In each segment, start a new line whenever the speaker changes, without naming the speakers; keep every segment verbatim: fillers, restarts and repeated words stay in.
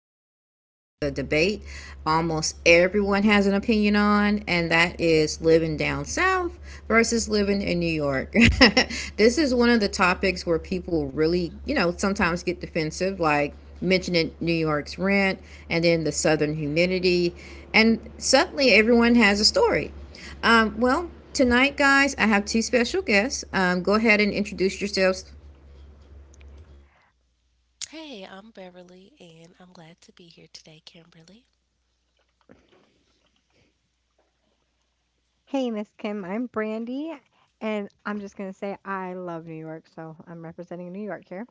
going to talk about the debate almost everyone has an opinion on, and that is living down south versus living in New York. This is one of the topics where people really, you know, sometimes get defensive, like mentioning New York's rent and then the southern humidity, and suddenly everyone has a story. Um, well, tonight, guys, I have two special guests. Um, go ahead and introduce yourselves.
Hey, I'm Beverly, and I'm glad to be here today, Kimberly.
Hey, Miss Kim, I'm Brandy, and I'm just going to say I love New York, so I'm representing New York here.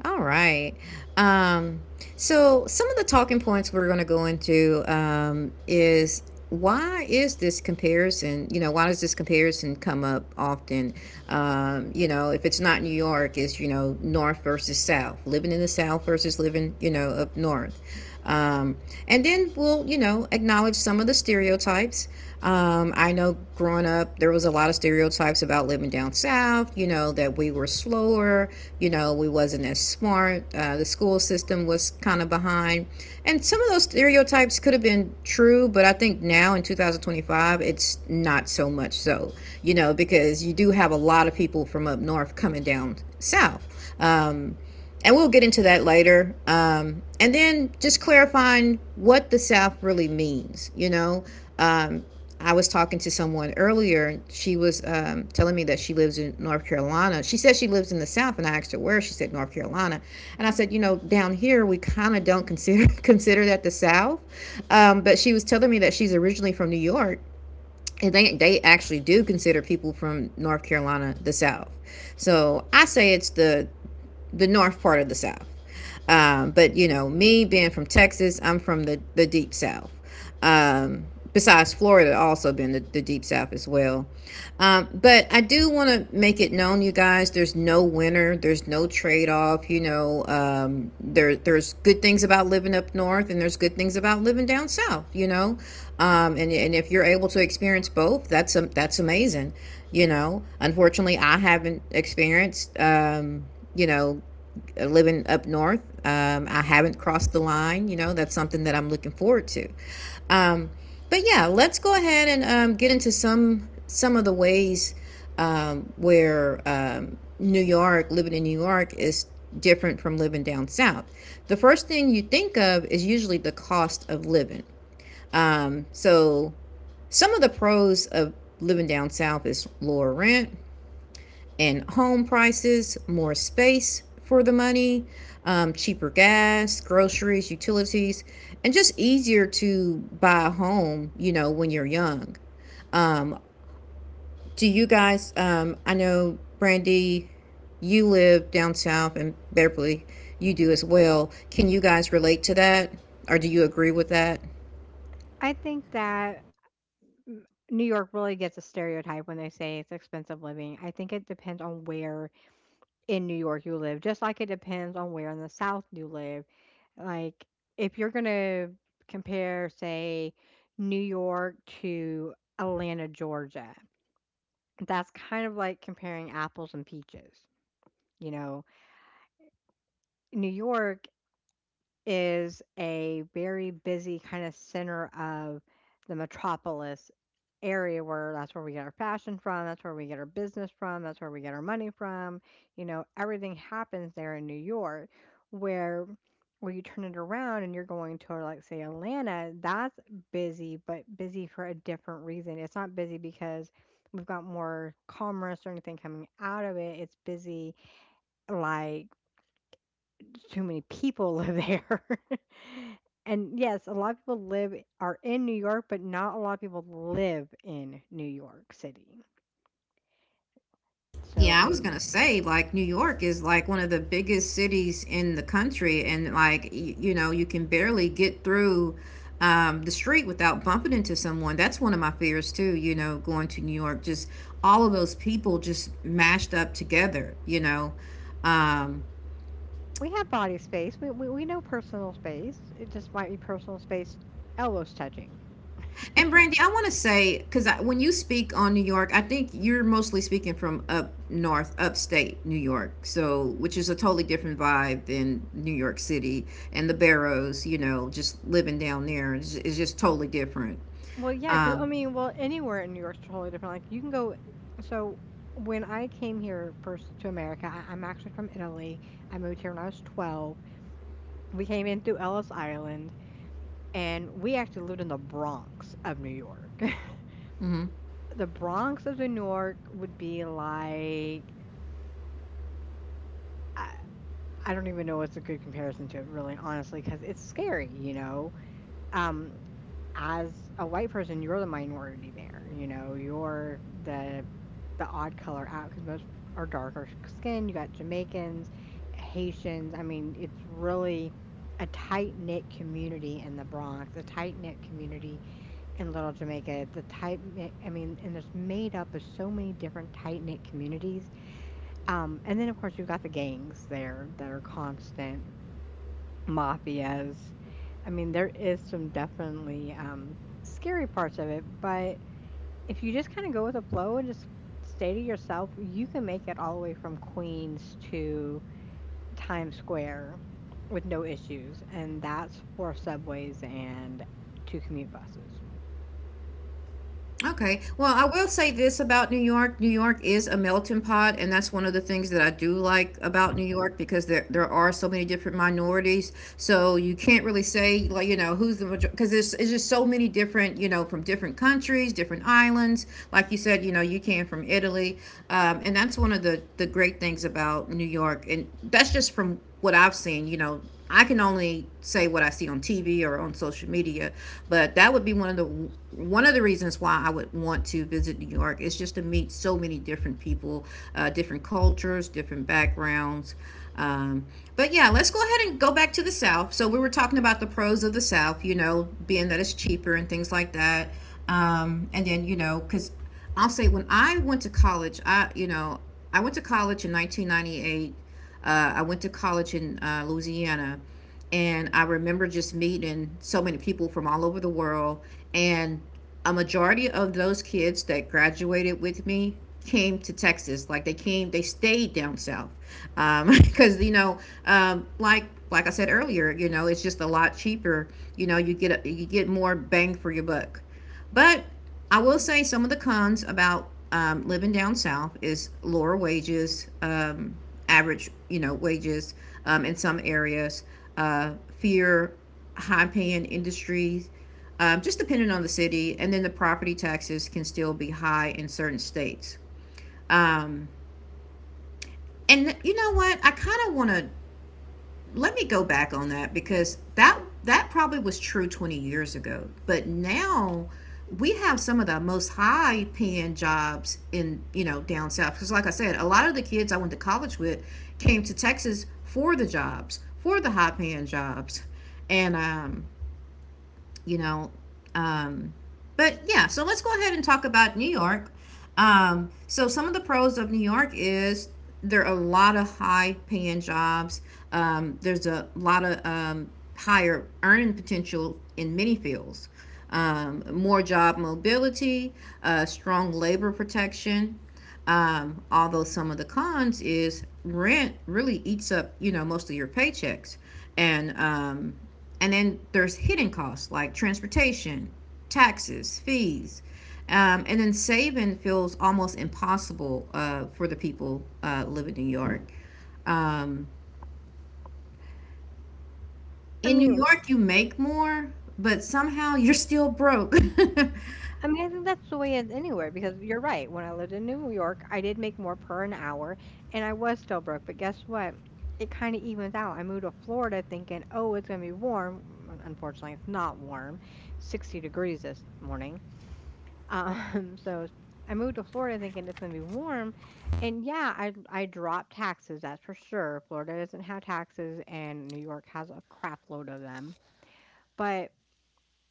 All right. Um, so some of the talking points we're going to go into um, is, why is this comparison? You know, why does this comparison come up often? Um, you know, if it's not New York, it's you know North versus South, living in the South versus living you know up North. Um, and then we'll you know acknowledge some of the stereotypes. um, I know growing up, there was a lot of stereotypes about living down south, you know, that we were slower, you know, we wasn't as smart, uh, the school system was kind of behind. And some of those stereotypes could have been true, but I think now in twenty twenty-five, it's not so much so, you know, because you do have a lot of people from up north coming down south. Um, and we'll get into that later. Um, and then just clarifying what the South really means, you know, um, I was talking to someone earlier. She was, um, telling me that she lives in North Carolina. She said she lives in the South, and I asked her where. She said North Carolina, and I said, you know, down here we kind of don't consider consider that the South. Um, but she was telling me that she's originally from New York, and they they actually do consider people from North Carolina the South. So I say it's the the North part of the South. Um, but you know, me being from Texas, I'm from the, the deep south. Um, Besides Florida, also been the, the deep south as well. Um, but I do want to make it known, you guys, there's no winner, there's no trade off. You know, um, there there's good things about living up north, and there's good things about living down south. You know, um, and and if you're able to experience both, that's a, that's amazing. You know, unfortunately, I haven't experienced. Um, you know uh, living up north. Um, I haven't crossed the line. You know, that's something that I'm looking forward to. Um, but yeah, let's go ahead and um, get into some some of the ways um, where um, New York, living in New York, is different from living down south. The first thing you think of is usually the cost of living. Um, so some of the pros of living down south is lower rent, in home prices, more space for the money, um, cheaper gas, groceries, utilities, and just easier to buy a home, you know, when you're young. Um, do you guys, um, I know, Brandy, you live down south, and Beverly, you do as well. Can you guys relate to that? Or do you agree with that?
I think that mm, New York really gets a stereotype when they say it's expensive living. I think it depends on where in New York you live, just like it depends on where in the South you live. Like, if you're going to compare, say, New York to Atlanta, Georgia, that's kind of like comparing apples and peaches. You know, New York is a very busy kind of center of the metropolis area where that's where we get our fashion from, that's where we get our business from, that's where we get our money from. You know, everything happens there in New York, where where you turn it around and you're going to, like, say Atlanta. That's busy, but busy for a different reason. It's not busy because we've got more commerce or anything coming out of it. It's busy, like, too many people live there. And yes, a lot of people live are in New York, but not a lot of people live in New York City. So
Yeah, I
I
was
mean,
gonna say, like, New York is like one of the biggest cities in the country, and like, y- you know, you can barely get through um, the street without bumping into someone. That's one of my fears too, you know, going to New York, just all of those people just mashed up together, you know. Um,
we have body space. We we, we know personal space. It just might be personal space, elbows touching.
And Brandy, I want to say, because when you speak on New York, I think you're mostly speaking from up north, upstate New York, so which is a totally different vibe than New York City and the Barrows. You know, just living down there is is just totally different.
Well, yeah, because
Um,
I mean, well, anywhere in New York's totally different. Like, you can go. So when I came here first to America, I, I'm actually from Italy. I moved here when I was twelve. We came in through Ellis Island. And we actually lived in the Bronx of New York.
mm-hmm.
The Bronx of New York would be like, I, I don't even know what's a good comparison to it, really, honestly, cuz it's scary, you know. Um as a white person, you're the minority there, you know. You're the the odd color out, cuz most are darker skin. You got Jamaicans, Haitians. I mean, it's really a tight knit community in the Bronx, a tight knit community in Little Jamaica. The tight, mi- I mean, and it's made up of so many different tight knit communities. Um, and then, of course, you've got the gangs there that are constant mafias. I mean, there is some definitely um, scary parts of it, but if you just kind of go with the flow and just stay to yourself, you can make it all the way from Queens to Times Square with no issues, and that's four subways and two commute buses.
Okay. Well, I will say this about New York. New York is a melting pot, and that's one of the things that I do like about New York because there there are so many different minorities. So you can't really say, like, you know, who's the major because there's it's just so many different, you know, from different countries, different islands. Like you said, you know, you came from Italy. Um, and that's one of the the great things about New York. And that's just from what I've seen, you know, I can only say what I see on T V or on social media, but that would be one of the one of the reasons why I would want to visit New York is just to meet so many different people, uh, different cultures, different backgrounds. Um, but yeah, let's go ahead and go back to the South. So we were talking about the pros of the South, you know, being that it's cheaper and things like that. Um, and then you know, because I'll say when I went to college, I you know I went to college in nineteen ninety-eight, uh, I went to college in uh, Louisiana, and I remember just meeting so many people from all over the world. And a majority of those kids that graduated with me came to Texas. Like they came, they stayed down south, um, because you know, um, like like I said earlier, you know, it's just a lot cheaper. You know, you get a, you get more bang for your buck. But I will say some of the cons about um, living down south is lower wages, um, average, you know, wages um, in some areas, uh, fear, high paying industries, um, just depending on the city. And then the property taxes can still be high in certain states. Um, and you know what? I kind of want to, let me go back on that, because that that probably was true twenty years ago, but now we have some of the most high paying jobs in you know down south, because like I said, a lot of the kids I went to college with came to Texas for the jobs, for the high paying jobs. and um you know, um, but yeah, so let's go ahead and talk about New York. Um, so some of the pros of New York is there are a lot of high paying jobs. Um, there's a lot of um, higher earning potential in many fields. Um, more job mobility, uh, strong labor protection, um, although some of the cons is rent really eats up, you know, most of your paychecks, and um, and then there's hidden costs like transportation, taxes, fees, um, and then saving feels almost impossible uh, for the people uh, living in New York. Um,
I
in New
mean,
York, you make more, but somehow you're still broke.
I mean, I think that's the way it is anywhere, because you're right. When I lived in New York, I did make more per an hour and I was still broke. But guess what? It kind of evens out. I moved to Florida thinking, oh, it's going to be warm. Un- Unfortunately, it's not warm, sixty degrees this morning. Um, so I moved to Florida thinking it's going to be warm. And yeah, I, I dropped taxes, that's for sure. Florida doesn't have taxes and New York has a crap load of them. But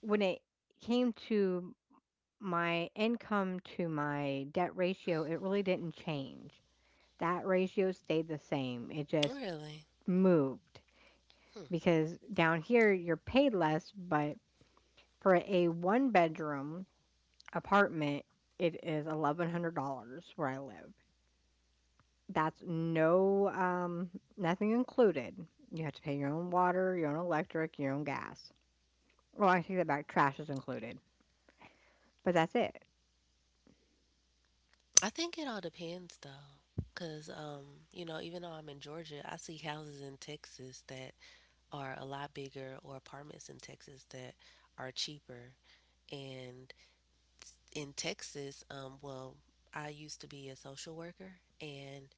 when it came to my income to my debt ratio, it really didn't change. That ratio stayed the same. It just
Really?
moved, because down here you're paid less, but for a one bedroom apartment, it is eleven hundred dollars where I live. That's no, um, nothing included. You have to pay your own water, your own electric, your own gas. Well, I take that back. Trash is included, but that's it.
I think it all depends, though. Because, um, you know, even though I'm in Georgia, I see houses in Texas that are a lot bigger or apartments in Texas that are cheaper. And in Texas, um, well, I used to be a social worker, and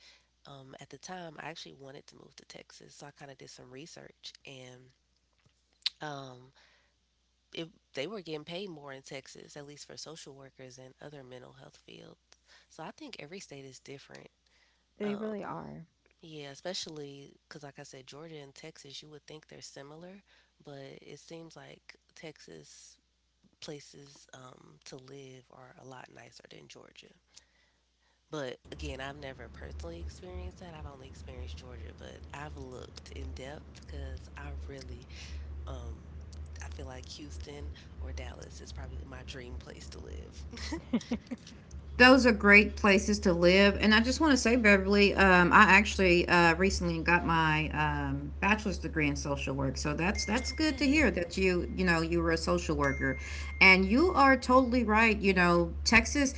um, at the time, I actually wanted to move to Texas. So I kind of did some research and. Um, it, they were getting paid more in Texas, at least for social workers and other mental health fields. So I think every state is different.
They really
Um,
are
yeah, especially because, like I said, Georgia and Texas, you would think they're similar, but it seems like Texas places um, to live are a lot nicer than Georgia. But again, I've never personally experienced that. I've only experienced Georgia, but I've looked in depth because I really um, I feel like Houston or Dallas is probably my dream place to live.
Those are great places to live. And I just want to say, Beverly, um, I actually uh, recently got my um, bachelor's degree in social work, so that's that's
Oh,
good to hear
good.
that you you know you were a social worker, and you are totally right. You know, Texas.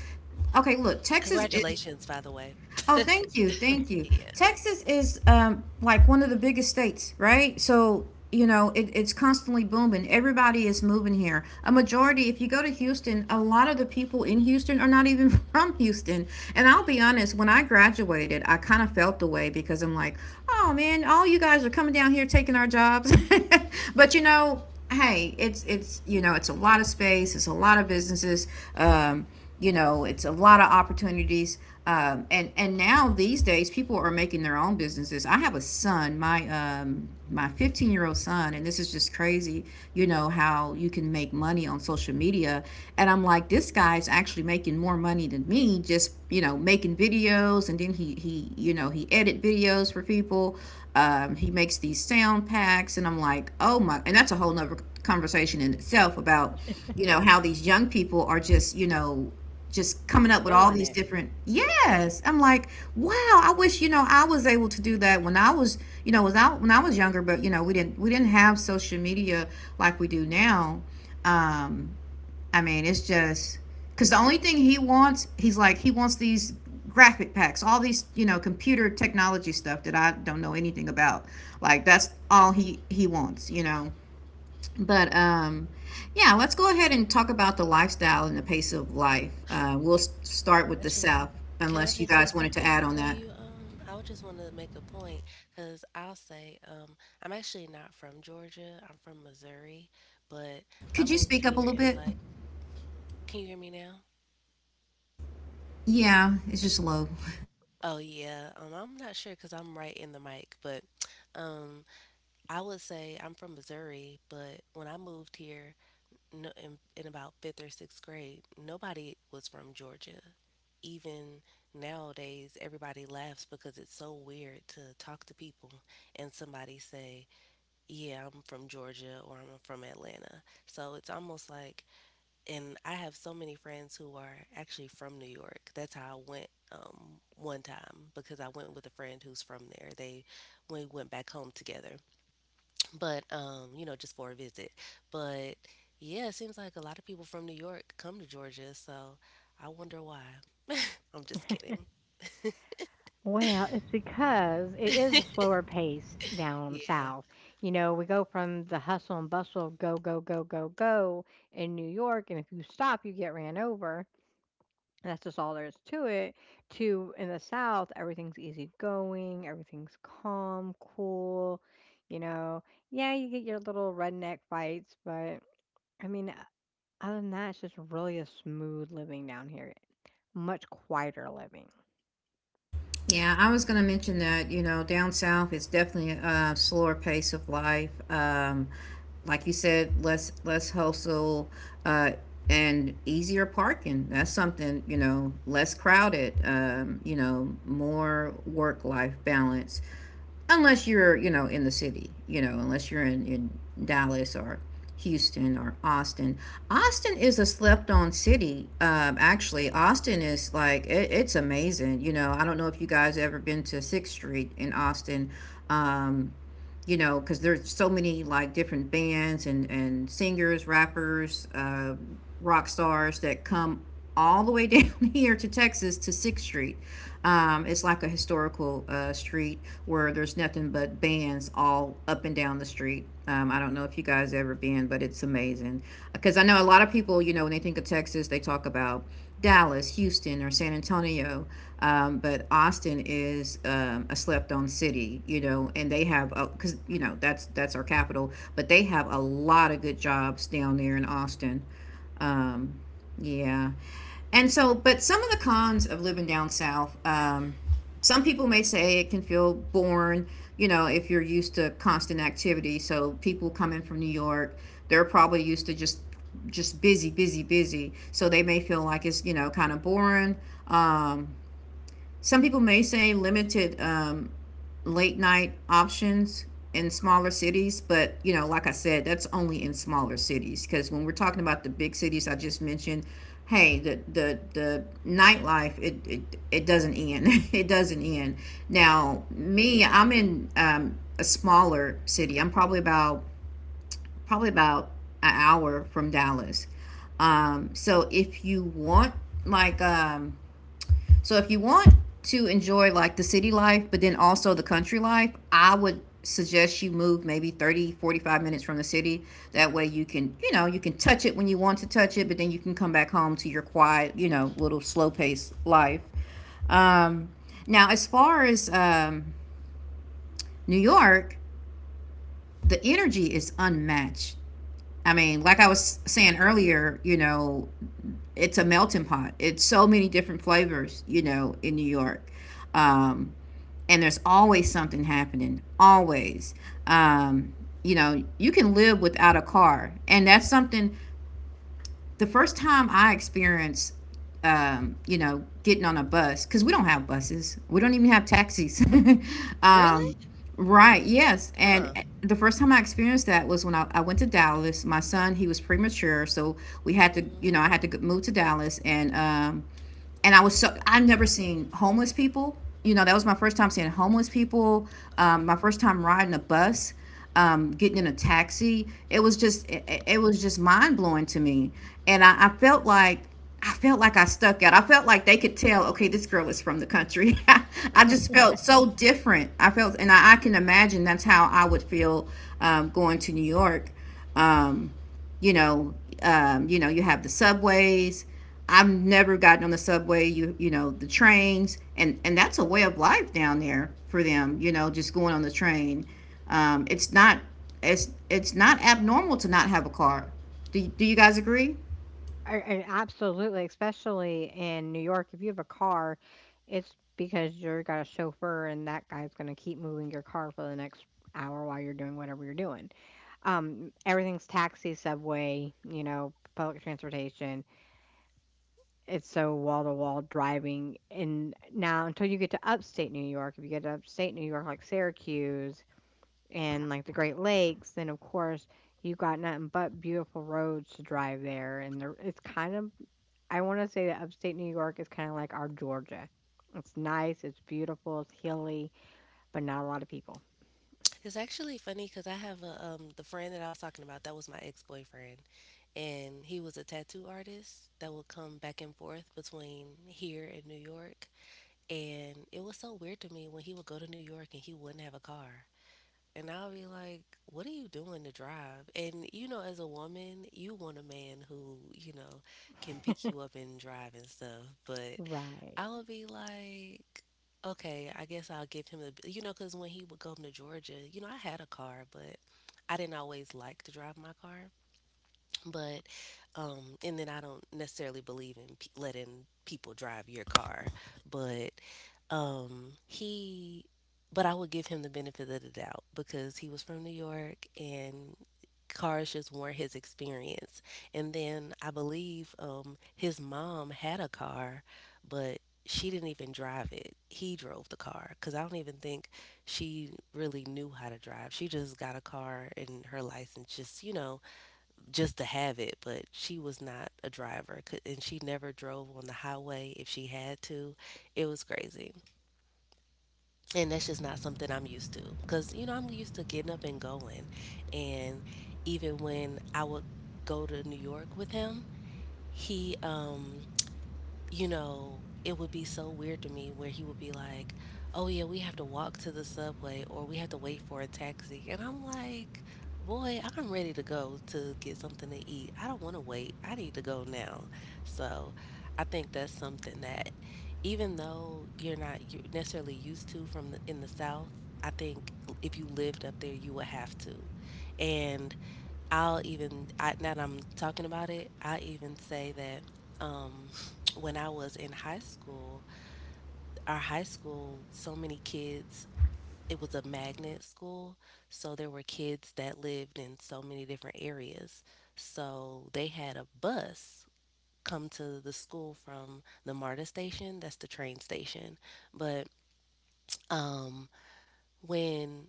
Okay, look, Texas is,
Congratulations, by the way.
oh, thank you, thank you.
Yeah,
Texas is, um, like one of the biggest states, right? So you know it, it's constantly booming. Everybody is moving here. A majority, if you go to Houston, a lot of the people in Houston are not even from Houston. And I'll
yeah.
be honest, when I graduated, I kind of felt the way, because I'm like, oh man, all you guys are coming down here taking our jobs. But you know, hey, it's it's you know it's a lot of space, it's a lot of businesses. Um, you know, it's a lot of opportunities, um, and and now these days people are making their own businesses. I have a son, my um my fifteen year old son, and this is just crazy, you know how you can make money on social media. And I'm like, this guy's actually making more money than me, just you know making videos, and then he he you know he edit videos for people. Um, he makes these sound packs, and I'm like, oh my. And that's a whole nother conversation in itself about you know how these young people are just you know just coming up with all
killing
these
it.
different. Yes, I'm like, wow, I wish, you know, I was able to do that when I was, you know, was out, when I was younger. But you know, we didn't we didn't have social media like we do now. um I mean, it's just, because the only thing he wants, he's like, he wants these graphic packs, all these you know computer technology stuff that I don't know anything about. Like that's all he he wants, you know. But um, yeah, let's go ahead and talk about the lifestyle and the pace of life. Uh, we'll s- start with
I
the South,
just Can I
unless you
just say
guys wanted to
something
add on
before
that.
you? Um, I would just want to make a point because I'll say um, I'm actually not from Georgia. I'm from Missouri, but I
Could you
moved
speak up a
here
little
in
bit?
like. Can you hear me now?
Yeah, it's just low.
Oh yeah, um, I'm not sure because I'm right in the mic, but um, I would say I'm from Missouri, but when I moved here, no, in, in about fifth or sixth grade, nobody was from Georgia. Even nowadays, everybody laughs because it's so weird to talk to people and somebody say, yeah, I'm from Georgia or I'm from Atlanta. So it's almost like, and I have so many friends who are actually from New York. That's how I went um, one time because I went with a friend who's from there. They, we went back home together but um you know just for a visit but yeah it seems like a lot of people from New York come to Georgia so I wonder why. I'm just kidding.
Well, it's because it is a slower pace down
Yeah.
south. You know, we go from the hustle and bustle of go, go, go, go, go in New York, and if you stop, you get ran over. That's just all there is to it. To in the south, everything's easygoing, everything's calm, cool. You know, yeah, you get your little redneck fights, but I mean, other than that, it's just really a smooth living down here, much quieter living.
Yeah, I was going to mention that, you know, down south, it's definitely a slower pace of life. Um, like you said, less less hustle uh, and easier parking. That's something, you know, less crowded, um, you know, more work life balance. Unless you're, you know, in the city, you know, unless you're in, in Dallas or Houston or Austin. Austin is a slept on city. um, actually Austin is like it, it's amazing. You know, I don't know if you guys ever been to Sixth Street in Austin. um, you know, because there's so many like different bands and and singers, rappers, uh, rock stars that come all the way down here to Texas to Sixth Street. Um, it's like a historical uh, street where there's nothing but bands all up and down the street. Um, I don't know if you guys ever been, but it's amazing because I know a lot of people. You know, when they think of Texas, they talk about Dallas, Houston, or San Antonio. Um, but Austin is um, a slept-on city, you know, and they have because you know that's that's our capital, but they have a lot of good jobs down there in Austin. Um, yeah, and so, but some of the cons of living down south. Um, some people may say it can feel boring, you know, if you're used to constant activity. So people coming from New York, they're probably used to just just busy, busy, busy. So they may feel like it's, you know, kind of boring. Um, some people may say limited um, late night options in smaller cities, but you know, like I said, that's only in smaller cities, because when we're talking about the big cities I just mentioned, hey, the the, the nightlife it, it it doesn't end, it doesn't end. Now me, I'm in um, a smaller city. I'm probably about probably about an hour from Dallas. um, so if you want like um, so if you want to enjoy like the city life, but then also the country life, I would suggest you move maybe thirty forty five minutes from the city. That way you can, you know, you can touch it when you want to touch it, but then you can come back home to your quiet, you know, little slow paced life. Um, now, as far as um, New York, the energy is unmatched. I mean, like I was saying earlier, you know, it's a melting pot. It's so many different flavors, you know, in New York. Um, and there's always something happening always. um, you know, you can live without a car, and that's something. The first time I experienced um, you know, getting on a bus, because we don't have buses, we don't even have taxis.
Really?
um, right, yes,
Huh.
and the first time I experienced that was when I, I went to Dallas. My son, he was premature, so we had to, you
Mm.
know, I had to go- move to Dallas, and um, and I was so I've never seen homeless people. You know, that was my first time seeing homeless people.
Oh,
Um, my first time riding a bus, um, getting in a taxi. It was just it, it- was just mind blowing to me, and I, I felt like. I felt like I stuck out. I felt like they could tell, okay, this girl is from the country. I just felt so different. I felt, and I, I can imagine that's how I would feel um, going to New York. Um, you know, um, you know, you have the subways. I've never gotten on the subway. You you know the trains, and and that's a way of life down there for them. You know, just going on the train. Um, it's not it's it's not abnormal to not have a car. Do, do you guys agree?
I I absolutely, especially in New York, if you have a car, it's because you're got a chauffeur and that guy's going to keep moving your car for the next hour while you're doing whatever you're doing. Um, everything's taxi, subway, you know, public transportation. It's so wall to wall driving. And now, until you get to upstate New York, if you get to upstate New York, like Syracuse and like the Great Lakes, then of course you've got nothing but beautiful roads to drive there, and there it's kind of, I want to say that upstate New York is kind of like our Georgia. It's nice, it's beautiful, it's hilly, but not a lot of people.
it's actually funny because I have a um the friend that I was talking about that was my ex-boyfriend and he was a tattoo artist that would come back and forth between here and New York, and it was so weird to me when he would go to New York and he wouldn't have a car. And I'll be like, what are you doing to drive? And, you know, as a woman, you want a man who, you know, can pick you up and drive and stuff. But
Right.
I would be like, okay, I guess I'll give him the, you know, because when he would go to Georgia, you know, I had a car, but I didn't always like to drive my car but um and then I don't necessarily believe in pe- letting people drive your car but um he but I would give him the benefit of the doubt because he was from New York and cars just weren't his experience. And then I believe um his mom had a car but she didn't even drive it. He drove the car because I don't even think she really knew how to drive. She just got a car and her license just you know just to have it, but she was not a driver c- and she never drove on the highway if she had to. It was crazy. And that's just not something I'm used to cuz you know I'm used to getting up and going. And even when I would go to New York with him, he um you know, it would be so weird to me where he would be like, "Oh yeah, we have to walk to the subway or we have to wait for a taxi." And I'm like, "Boy, I'm ready to go to get something to eat. I don't want to wait. I need to go now." So, I think that's something that even though you're not u- necessarily used to from the, in the South, I think if you lived up there, you would have to. And I'll even I, now that I'm talking about it, I even say that. Um, when I was in high school, our high school, so many kids, it was a magnet school. So there were kids that lived in so many different areas. So they had a bus come to the school from the MARTA station, that's the train station. But um, when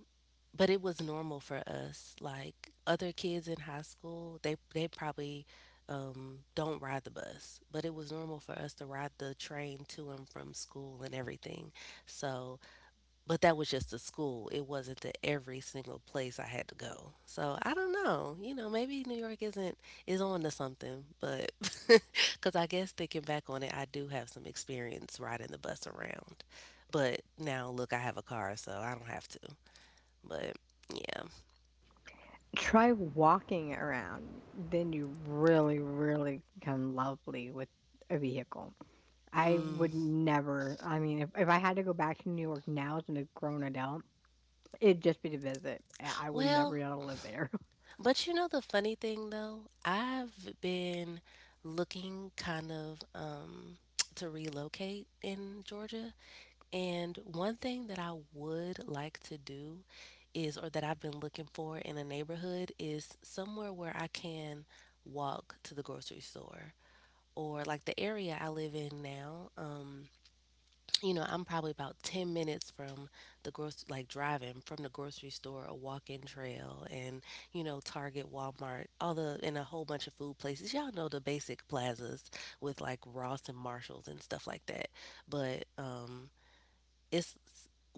but it was normal for us like other kids in high school they they probably um, don't ride the bus, but it was normal for us to ride the train to and from school and everything. So but that was just the school. It wasn't the every single place I had to go. So I don't know, you know, maybe New York isn't is on to something. But because I guess thinking back on it, I do have some experience riding the bus around, but now look, I have a car so I don't have to. But yeah.
Try walking around, then you really, really become lovely with a vehicle. I
Mm.
would never, I mean, if, if I had to go back to New York now as a grown adult, it'd just be to visit. I I would
Well,
never be able to live there.
but you know the funny thing though, I've been looking kind of um to relocate in Georgia, and one thing that I would like to do is or that I've been looking for in a neighborhood is somewhere where I can walk to the grocery store or like the area I live in now. Um you know, I'm probably about ten minutes from the grocery, like driving from the grocery store, a walk-in trail, and, you know, Target, Walmart, all the, and a whole bunch of food places. Y'all know the basic plazas with like Ross and Marshalls and stuff like that. But, um, it's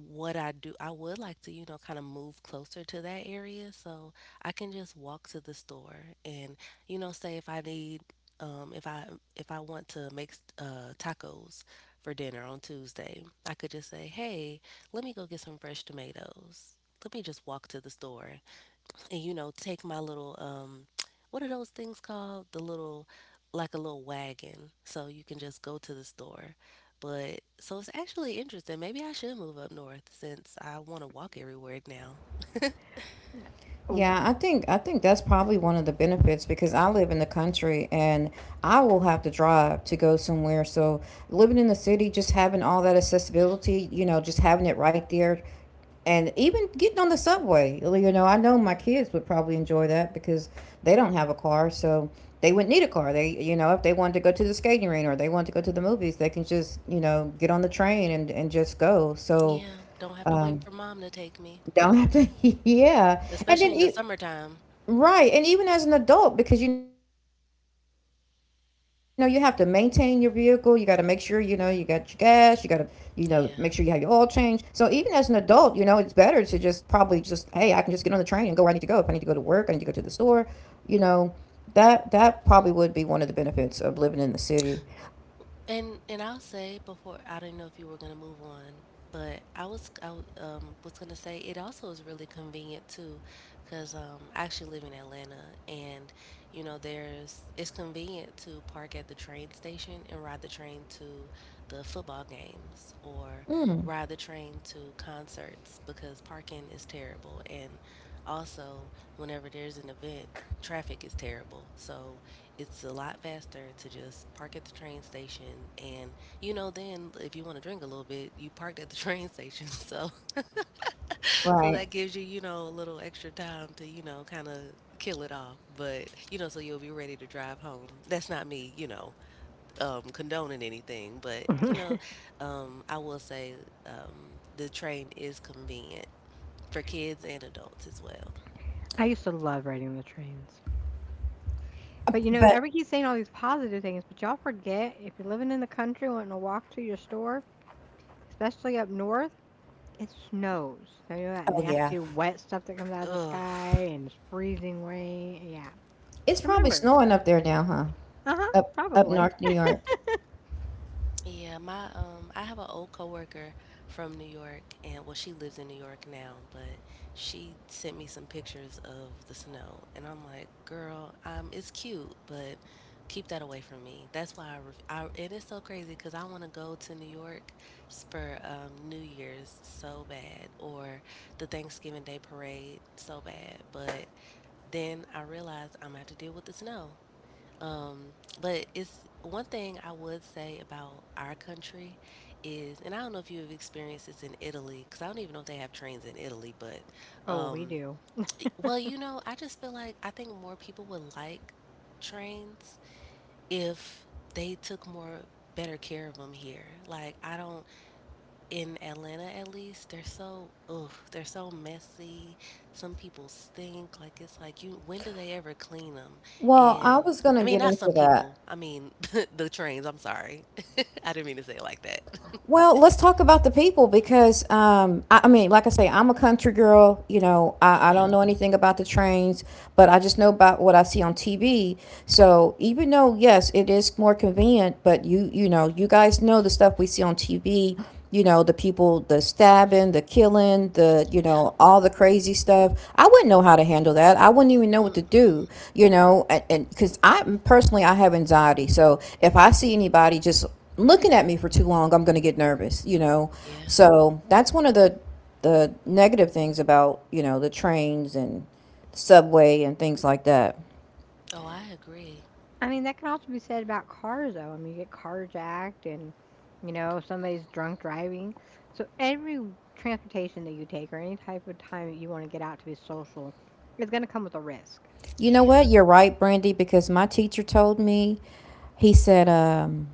what I do. I would like to, you know, kind of move closer to that area so I can just walk to the store and, you know, say if I need um if I if I want to make uh tacos for dinner on Tuesday, I could just say, "Hey, let me go get some fresh tomatoes." Let me just walk to the store and, you know, take my little um what are those things called, the little, like a little wagon, so you can just go to the store. But so it's actually interesting, maybe I should move up north since I want to walk everywhere now.
Oh,
Yeah, I think I think that's probably one of the benefits because I live in the country and I will have to drive to go somewhere. So living in the city, just having all that accessibility, you know, just having it right there, and even getting on the subway. You know, I know my kids would probably enjoy that because they don't have a car, so they wouldn't need a car. They, you know, if they wanted to go to the skating rink or they want to go to the movies, they can just, you know, get on the train and and just go. So
Yeah, don't have to wait
um,
for mom to take me.
don't have to, yeah. And
Especially
then
in the
e-
summertime.
Right. And even as an adult, because you know, you have to maintain your vehicle, you got to make sure, you know, you got your gas, you got to, you know, make sure you have your oil change. So even as an
Yeah.
adult, you know, it's better to just probably just, hey, I can just get on the train and go where I need to go. If I need to go to work, I need to go to the store, you know, that that probably would be one of the benefits of living in the city.
And and I'll say before I didn't know if you were gonna move on, but I was I w- um was gonna say it also is really convenient too, cause um I actually live in Atlanta and you know there's it's convenient to park at the train station and ride the train to the football games or
Mm,
ride the train to concerts because parking is terrible. And also, whenever there's an event, traffic is terrible. So it's a lot faster to just park at the train station and, you know, then if you want to drink a little bit, you parked at the train station. So so
right.
that gives you, you know, a little extra time to, you know, kind of kill it off. But, you know, so you'll be ready to drive home. That's not me, you know, um condoning anything, but you know, um I will say um the train is convenient for kids and adults as well.
I used to love riding the trains. But, you know,
But
everybody keeps saying all these positive things, but y'all forget if you're living in the country wanting to walk to your store, especially up north, it snows. Now, you know that
oh yeah.
nasty wet stuff that comes out of the
Ugh.
sky, and it's freezing rain. Yeah.
It's
Just
probably
remember.
snowing up there now, huh?
Uh-huh.
Up up
Probably.
north New York.
Yeah, my um I have an old coworker from New York and well she lives in New York now, but she sent me some pictures of the snow and I'm like, "Girl, um it's cute, but keep that away from me." That's why I, ref- I and it's so crazy cuz I want to go to New York s- for um New Year's so bad or the Thanksgiving Day parade so bad, but then I realized I'm gonna have to deal with the snow. Um, but it's one thing I would say about our country is, and I don't know if you have experienced this in Italy, because I don't even know if they have trains in Italy, but
Oh, we
um,
do.
well, you know, I just feel like I think more people would like trains if they took more better care of them here. Like, I don't in Atlanta at least, they're so ugh, they're so messy. Some people stink. Like it's like you when do they ever clean them?
Well, I
And
was gonna
I mean,
get
not
into
some
that.
people. I mean the trains. I'm sorry. I didn't mean to say it like that.
Well, let's talk about the people because, um, I, I mean, like I say, I'm a country girl. You know, I, I don't know
Yeah.
anything about the trains, but I just know about what I see on T V. So even though, yes, it is more convenient, but you, you know, you guys know the stuff we see on T V. You know, the people, the stabbing, the killing, the, you
Yeah.
know, all the crazy stuff. I wouldn't know how to handle that. I wouldn't even know
Mm,
what to do, you know, and because I personally, I have anxiety. So if I see anybody just, looking at me for too long, I'm going to get nervous, you know.
yeah.
So that's one of the the negative things about, you know, the trains and subway and things like that.
Oh, I agree.
I mean, that can also be said about cars, though. I mean, you get carjacked, and, you know, somebody's drunk driving. So every transportation that you take, or any type of time that you want to get out to be social, is going to come with a risk.
You
Yeah.
know what? You're right, Brandy, because my teacher told me, he said um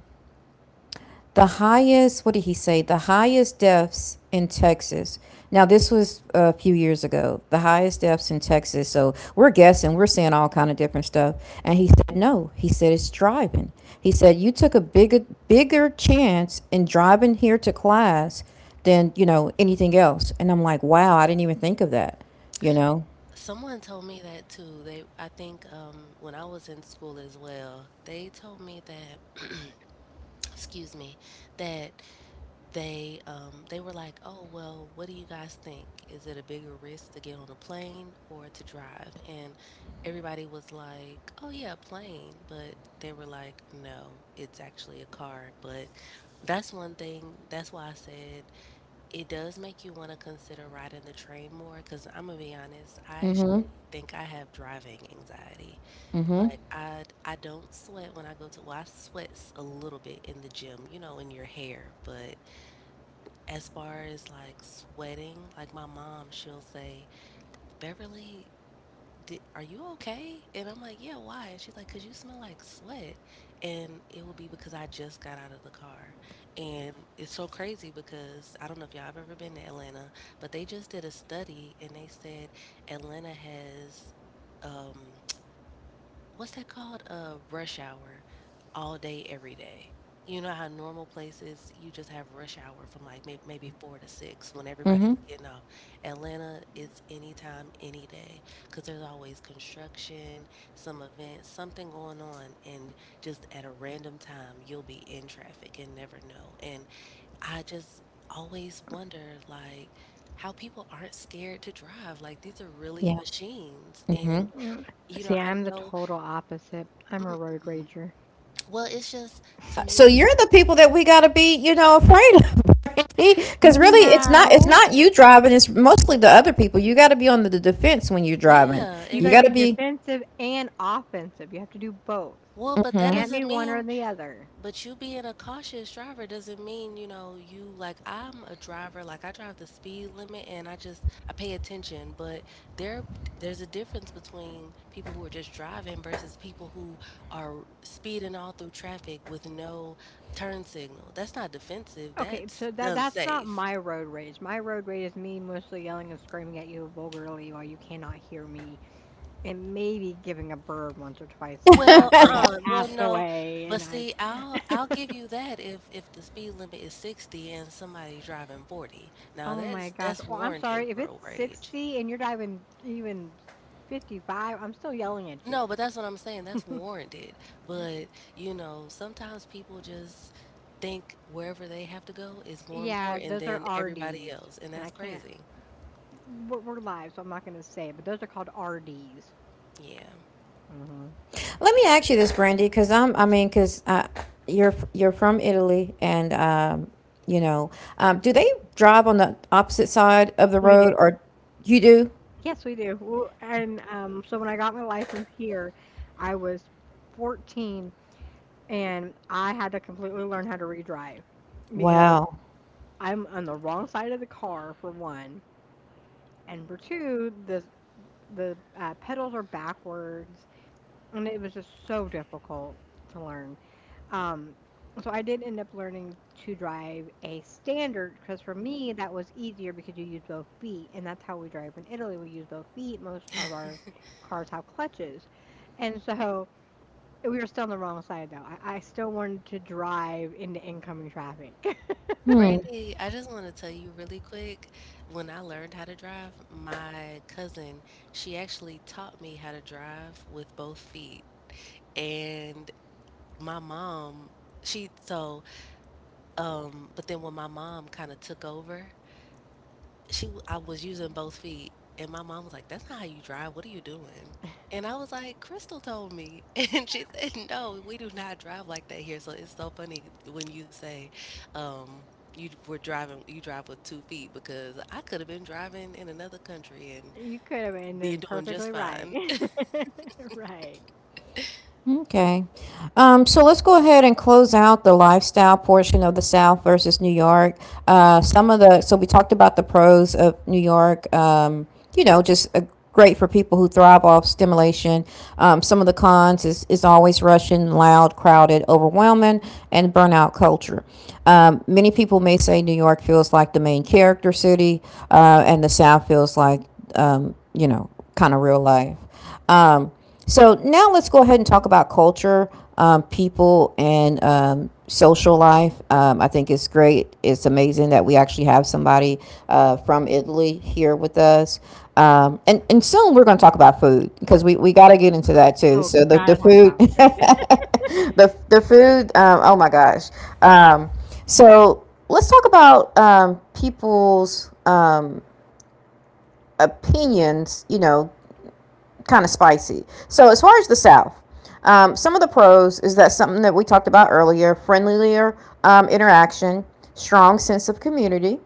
the highest, what did he say? The highest deaths in Texas. Now, this was a few years ago. The highest deaths in Texas. So we're guessing, we're saying all kind of different stuff. And he said no. He said it's driving. He said you took a bigger bigger chance in driving here to class than you know anything else. And I'm like, wow, I didn't even think of that. You know?
Someone told me that too. They I think um when I was in school as well, they told me that excuse me, that they um, they were like, "Oh well, what do you guys think? Is it a bigger risk to get on a plane or to drive?" And everybody was like, "Oh yeah, a plane," but they were like, "No, it's actually a car." But that's one thing. That's why I said it does make you want to consider riding the train more. Because I'm gonna be honest, I
Mm-hmm.
actually think I have driving anxiety.
Mm-hmm.
Like I I don't sweat when I go to. Well, I sweats a little bit in the gym, you know, in your hair, but as far as like sweating, like my mom, she'll say, Beverly, di are you okay? And I'm like, yeah, why? And she's like, because you smell like sweat. And it will be because I just got out of the car. And it's so crazy because I don't know if y'all have ever been to Atlanta, but they just did a study and they said Atlanta has. Um, what's that called? A rush hour all day, every day. You know how normal places you just have rush hour from like may- maybe four to six when everybody's
Mm-hmm.
getting off. Atlanta, it's anytime, any day because there's always construction, some event, something going on, and just at a random time, you'll be in traffic and never know. And I just always wonder, like, how people aren't scared to drive. Like, these are really
Yeah.
machines.
Mm-hmm.
And,
Yeah.
you know,
See,
I
I'm the
know.
total opposite. I'm a road rager.
Well, it's just to
So
me,
you're the people that we gotta be, you know, afraid of. Because really, it's not it's
No,
not you driving. It's mostly the other people. You got to be on the, the defense when you're driving.
yeah,
you
and
You
got to
that
got to
be
be.
defensive and offensive. You have to do both.
well, but
You
that
Hmm.
can't be
doesn't
one or
mean
the other.
but you being a cautious driver doesn't mean, you know, you like I'm a driver, like I drive the speed limit and I just I pay attention, but there there's a difference between people who are just driving versus people who are speeding all through traffic with no turn signal. That's not defensive,
Okay,
that's
so that that's not
unsafe.
my road rage. My road rage is me mostly yelling and screaming at you vulgarly while you cannot hear me, and maybe giving a bird once or twice
Well,
after you
uh-uh. Well,
passed
no.
away.
But
And I,
see, I'll I'll give you that if if the speed limit is sixty and somebody's driving forty. Now
oh my
that's
gosh,
that's
oh, I'm
warranted
sorry, if
road
it's
rage.
sixty and you're diving even fifty-five, I'm still yelling at
No,
you.
but that's what I'm saying. That's warranted. But, you know, sometimes people just think wherever they have to go is more
Yeah,
important
those are
than everybody
R Ds,
else, and
and I
that's
can't.
crazy.
We're, we're live, so I'm not going to say it, but those are called R Ds.
Yeah.
Mm-hmm.
Let me ask you this, Brandy, because I'm I mean, because uh, you're f- you're from Italy, and um, you know, um, do they drive on the opposite side of the
We did.
road, or you do?
Yes, we do. Well, and um, so when I got my license here, I was fourteen and I had to completely learn how to redrive, because
Wow.
I'm on the wrong side of the car, for one, and for two, the the uh, pedals are backwards, and it was just so difficult to learn. Um, so I did end up learning to drive a standard, because for me that was easier, because you use both feet, and that's how we drive in Italy. We use both feet. Most of our cars have clutches, and so we were still on the wrong side, though. I, I still wanted to drive into incoming traffic.
Brandy, I just want to tell you really quick, when I learned how to drive, my cousin, she actually taught me how to drive with both feet. And my mom, she so um but then when my mom kind of took over, she w- I was using both feet and my mom was like, "That's not how you drive. What are you doing?" And I was like, "Crystal told me." And she said, "No, we do not drive like that here." So it's so funny when you say, um, you were driving you drive with two feet because I could have been driving in another country and
You could have
being
ended
doing just
perfectly right.
fine.
Right.
Okay. Um, so let's go ahead and close out the lifestyle portion of the South versus New York. Uh, some of the, so we talked about the pros of New York, um, you know, just a, great for people who thrive off stimulation. Um, some of the cons is, is always rushing, loud, crowded, overwhelming, and burnout culture. Um, many people may say New York feels like the main character city, uh, and the South feels like, um, you know, kind of real life. Um, so now let's go ahead and talk about culture, um, people, and um, social life. Um, I think it's great. It's amazing that we actually have somebody uh, from Italy here with us. Um, and, and soon we're going to talk about food because we, we got to get into that too.
Oh,
So the, the
gotta talk
food,
about food.
the, the food, um, oh my gosh. Um, so let's talk about um, people's uh, opinions, you know, kind of spicy. So as far as the South, um, some of the pros is that something that we talked about earlier: friendlier um, interaction, strong sense of community,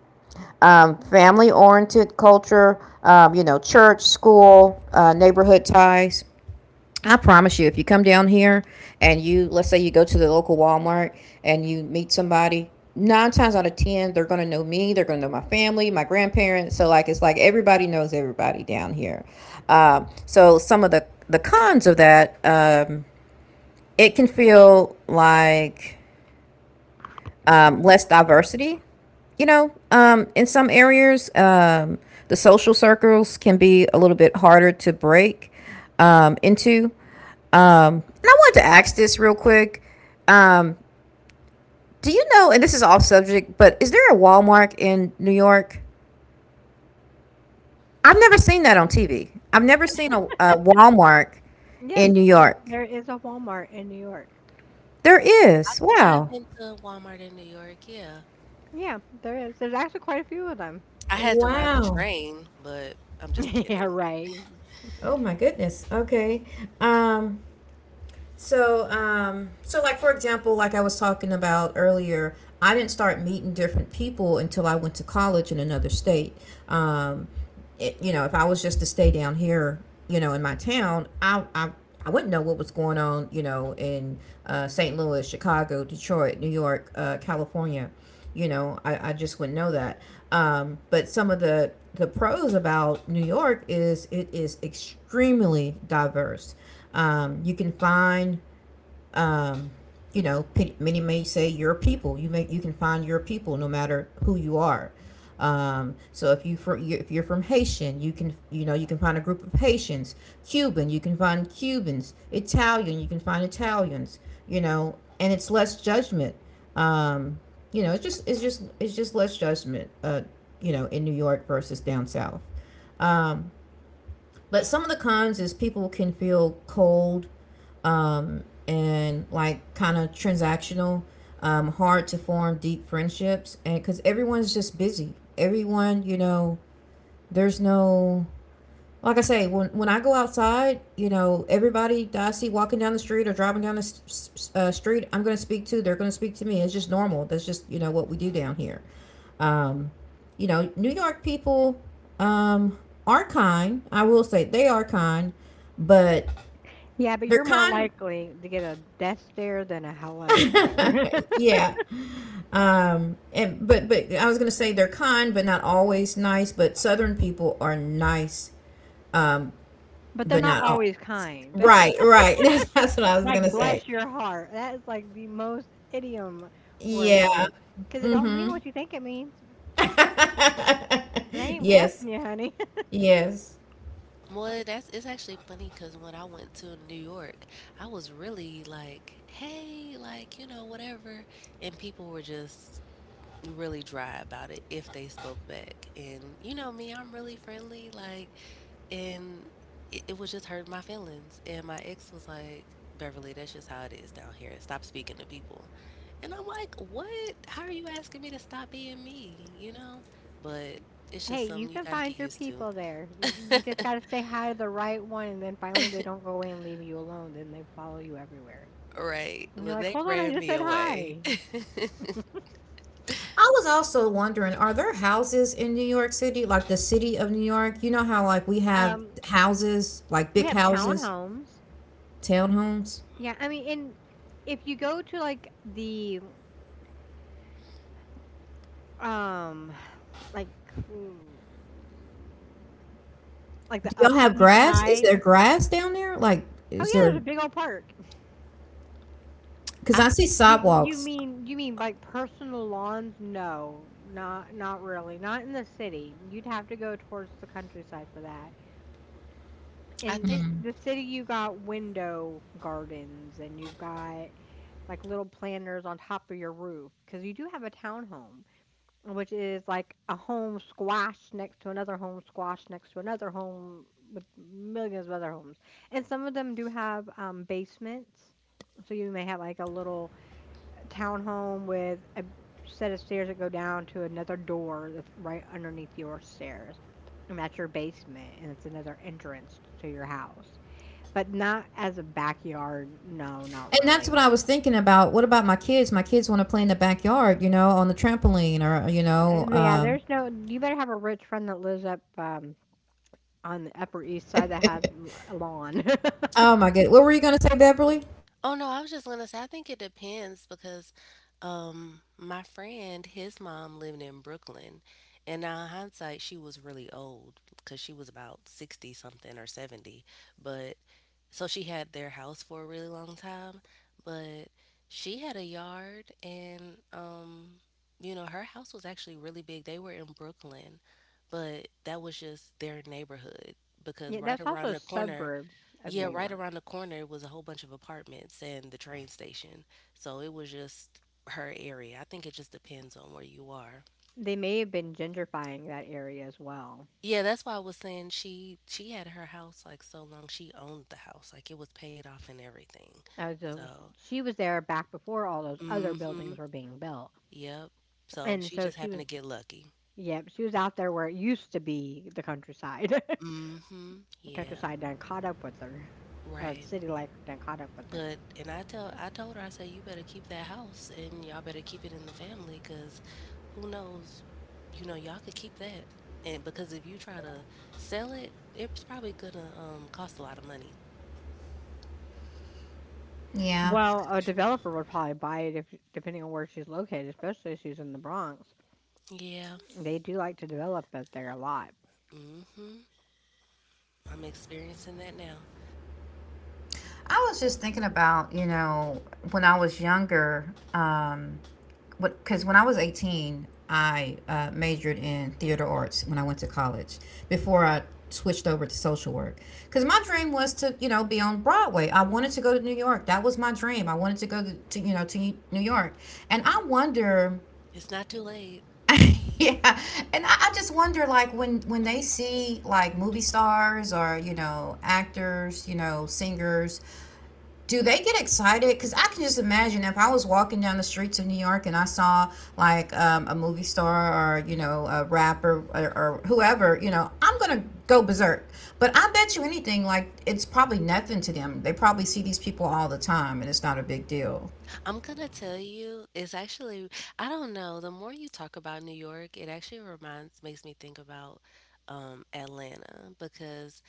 um, family-oriented culture. Um, you know, church, school, uh, neighborhood ties. I promise you, if you come down here and you, let's say you go to the local Walmart and you meet somebody, nine times out of ten, they're going to know me. They're going to know my family, my grandparents. So, like, it's like everybody knows everybody down here. Um, so, some of the, the cons of that, um, it can feel like um, less diversity. You know, um, in some areas, um, the social circles can be a little bit harder to break um, into. Um, and I wanted to ask this real quick. Um, do you know, and this is off subject, but is there a Walmart in New York? I've never seen that on T V. I've never seen a, a Walmart in
Yes,
New
there,
York.
there is a Walmart in New York.
There is.
I've
Wow.
been to Walmart in New York, yeah.
Yeah, there is. There's actually quite a few of them.
I had to ride the
Wow.
train, but I'm just
Yeah,
kidding.
right.
Oh my goodness. Okay. Um So, um, so like for example, like I was talking about earlier, I didn't start meeting different people until I went to college in another state. Um, it, you know, if I was just to stay down here, you know, in my town, I, I, I wouldn't know what was going on, you know, in uh, Saint Louis, Chicago, Detroit, New York, uh, California. You know, I, I just wouldn't know that. Um, but some of the the pros about New York is it is extremely diverse. Um, you can find, um, you know, many may say your people. You may you can find your people no matter who you are. Um, so if you for if you're from Haitian, you can you know you can find a group of Haitians. Cuban, you can find Cubans. Italian, you can find Italians. You know, and it's less judgment. Um, you know, it's just it's just it's just less judgment. Uh, you know, in New York versus down south. Um, but some of the cons is people can feel cold, um, and like kind of transactional, um, hard to form deep friendships, and because everyone's just busy. Everyone, you know, there's no like I say when when I go outside, you know, everybody that I see walking down the street or driving down the s- s- uh, street, I'm going to speak to. They're going to speak to me. It's just normal. That's just you know what we do down here. You know, New York people um, are kind. I will say they are kind, but
Yeah, but
they're
you're more
kind.
likely to get a death stare than a hello there.
Yeah. Um, and but but I was gonna say they're kind, but not always nice. But Southern people are nice,
But they're
but
not
not all.
always kind.
Right, right. That's, that's what I was
Like,
gonna say.
bless your heart. That is like the most idiom word
Yeah.
ever. Because it don't mean
Mm-hmm.
what you think it means. It ain't
Yes.
blessing you, honey.
Yes.
Well, that's it's actually funny because when I went to New York, I was really like, hey, like, you know, whatever. And people were just really dry about it if they spoke back. And you know me, I'm really friendly, like, and it, it was just hurting my feelings. And my ex was like, Beverly, that's just how it is down here. Stop speaking to people. And I'm like, what? How are you asking me to stop being me? You know? But it's
Hey,
just
you
something you
can
got to
find
get
your
used to.
people there. Y- You just got to say hi to the right one, and then finally they don't go away and leave you alone. Then they follow you everywhere.
Right.
And you're
Look,
like,
they
hold on, I
ran
just
me
said
away.
hi.
I was also wondering, are there houses in New York City, like the city of New York? You know how like we have
Um,
houses, like
we
big
have
houses,
townhomes.
townhomes?
Yeah, I mean, and if you go to, like, the um like, mm, like the
Do y'all
Upper
have
East
grass? Is
Side,
there grass down there? Like,
oh
is
yeah, there's
there?
a big old park.
Because
I
I see
think
You you
sidewalks.
mean you mean like, personal lawns? No, not not really. Not in the city. You'd have to go towards the countryside for that.
I
In
think
the city, you got window gardens, and you've got, like, little planters on top of your roof, because you do have a townhome, which is like a home squash next to another home squash next to another home, with millions of other homes. And some of them do have um, basements. So you may have, like, a little townhome with a set of stairs that go down to another door that's right underneath your stairs. And that's your basement, and it's another entrance to your house, but not as a backyard. No, not
And that's what I
really.
was thinking about. What about my kids? My kids want to play in the backyard, you know, on the trampoline or, you
Uh,
know,
Yeah,
um,
there's no. You better have a rich friend that lives up um, on the Upper East Side that has l- a lawn.
oh my God. What were you going to say, Beverly?
oh no, I was just gonna say I think it depends because um my friend, his mom lived in Brooklyn and now in hindsight she was really old because she was about sixty something or seventy. But So She had their house for a really long time, but she had a yard and um you know, her house was actually really big. They were in Brooklyn, but that was just their neighborhood because
Yeah,
right
that's also
around
a
the corner,
suburb of
yeah,
New
right
York.
around the corner was a whole bunch of apartments and the train station. So it was just her area. I think it just depends on where you are.
They may have been gentrifying that area as well.
Yeah, that's why I was saying she she had her house like so long she owned the house. Like it was paid off and everything.
I was, uh,
So
she was there back before all those other
mm-hmm.
buildings were being built,
Yep. So
and
she
so
just
she
happened
was.
to get lucky.
Yep, she was out there where it used to be the countryside.
Mm-hmm.
The
Yeah.
countryside done caught up with her, or the
Right.
city life done caught up with her.
But and I tell I told her, I said, you better keep that house and y'all better keep it in the family because who knows, you know, y'all could keep that, and because if you try to sell it, it's probably gonna um cost a lot of money.
Yeah.
Well, a developer would probably buy it if, depending on where she's located, especially if she's in the Bronx.
Yeah.
They do like to develop up there a lot.
Mm-hmm. I'm experiencing that now.
I was just thinking about, you know, when I was younger, um, what, because when I was eighteen, I uh, majored in theater arts when I went to college before I switched over to social work. Because my dream was to, you know, be on Broadway. I wanted to go to New York. That was my dream. I wanted to go to, to you know, to New York. And I wonder.
It's not too late.
Yeah, and I, I just wonder like when when they see like movie stars or you know actors, you know, singers, do they get excited? Because I can just imagine if I was walking down the streets of New York and I saw like um, a movie star or you know a rapper, or, or whoever, you know, I'm gonna go berserk. But I bet you anything like it's probably nothing to them. They probably see these people all the time and it's not a big deal.
I'm gonna tell you, it's actually, I don't know, the more you talk about New York, it actually reminds, makes me think about um, Atlanta because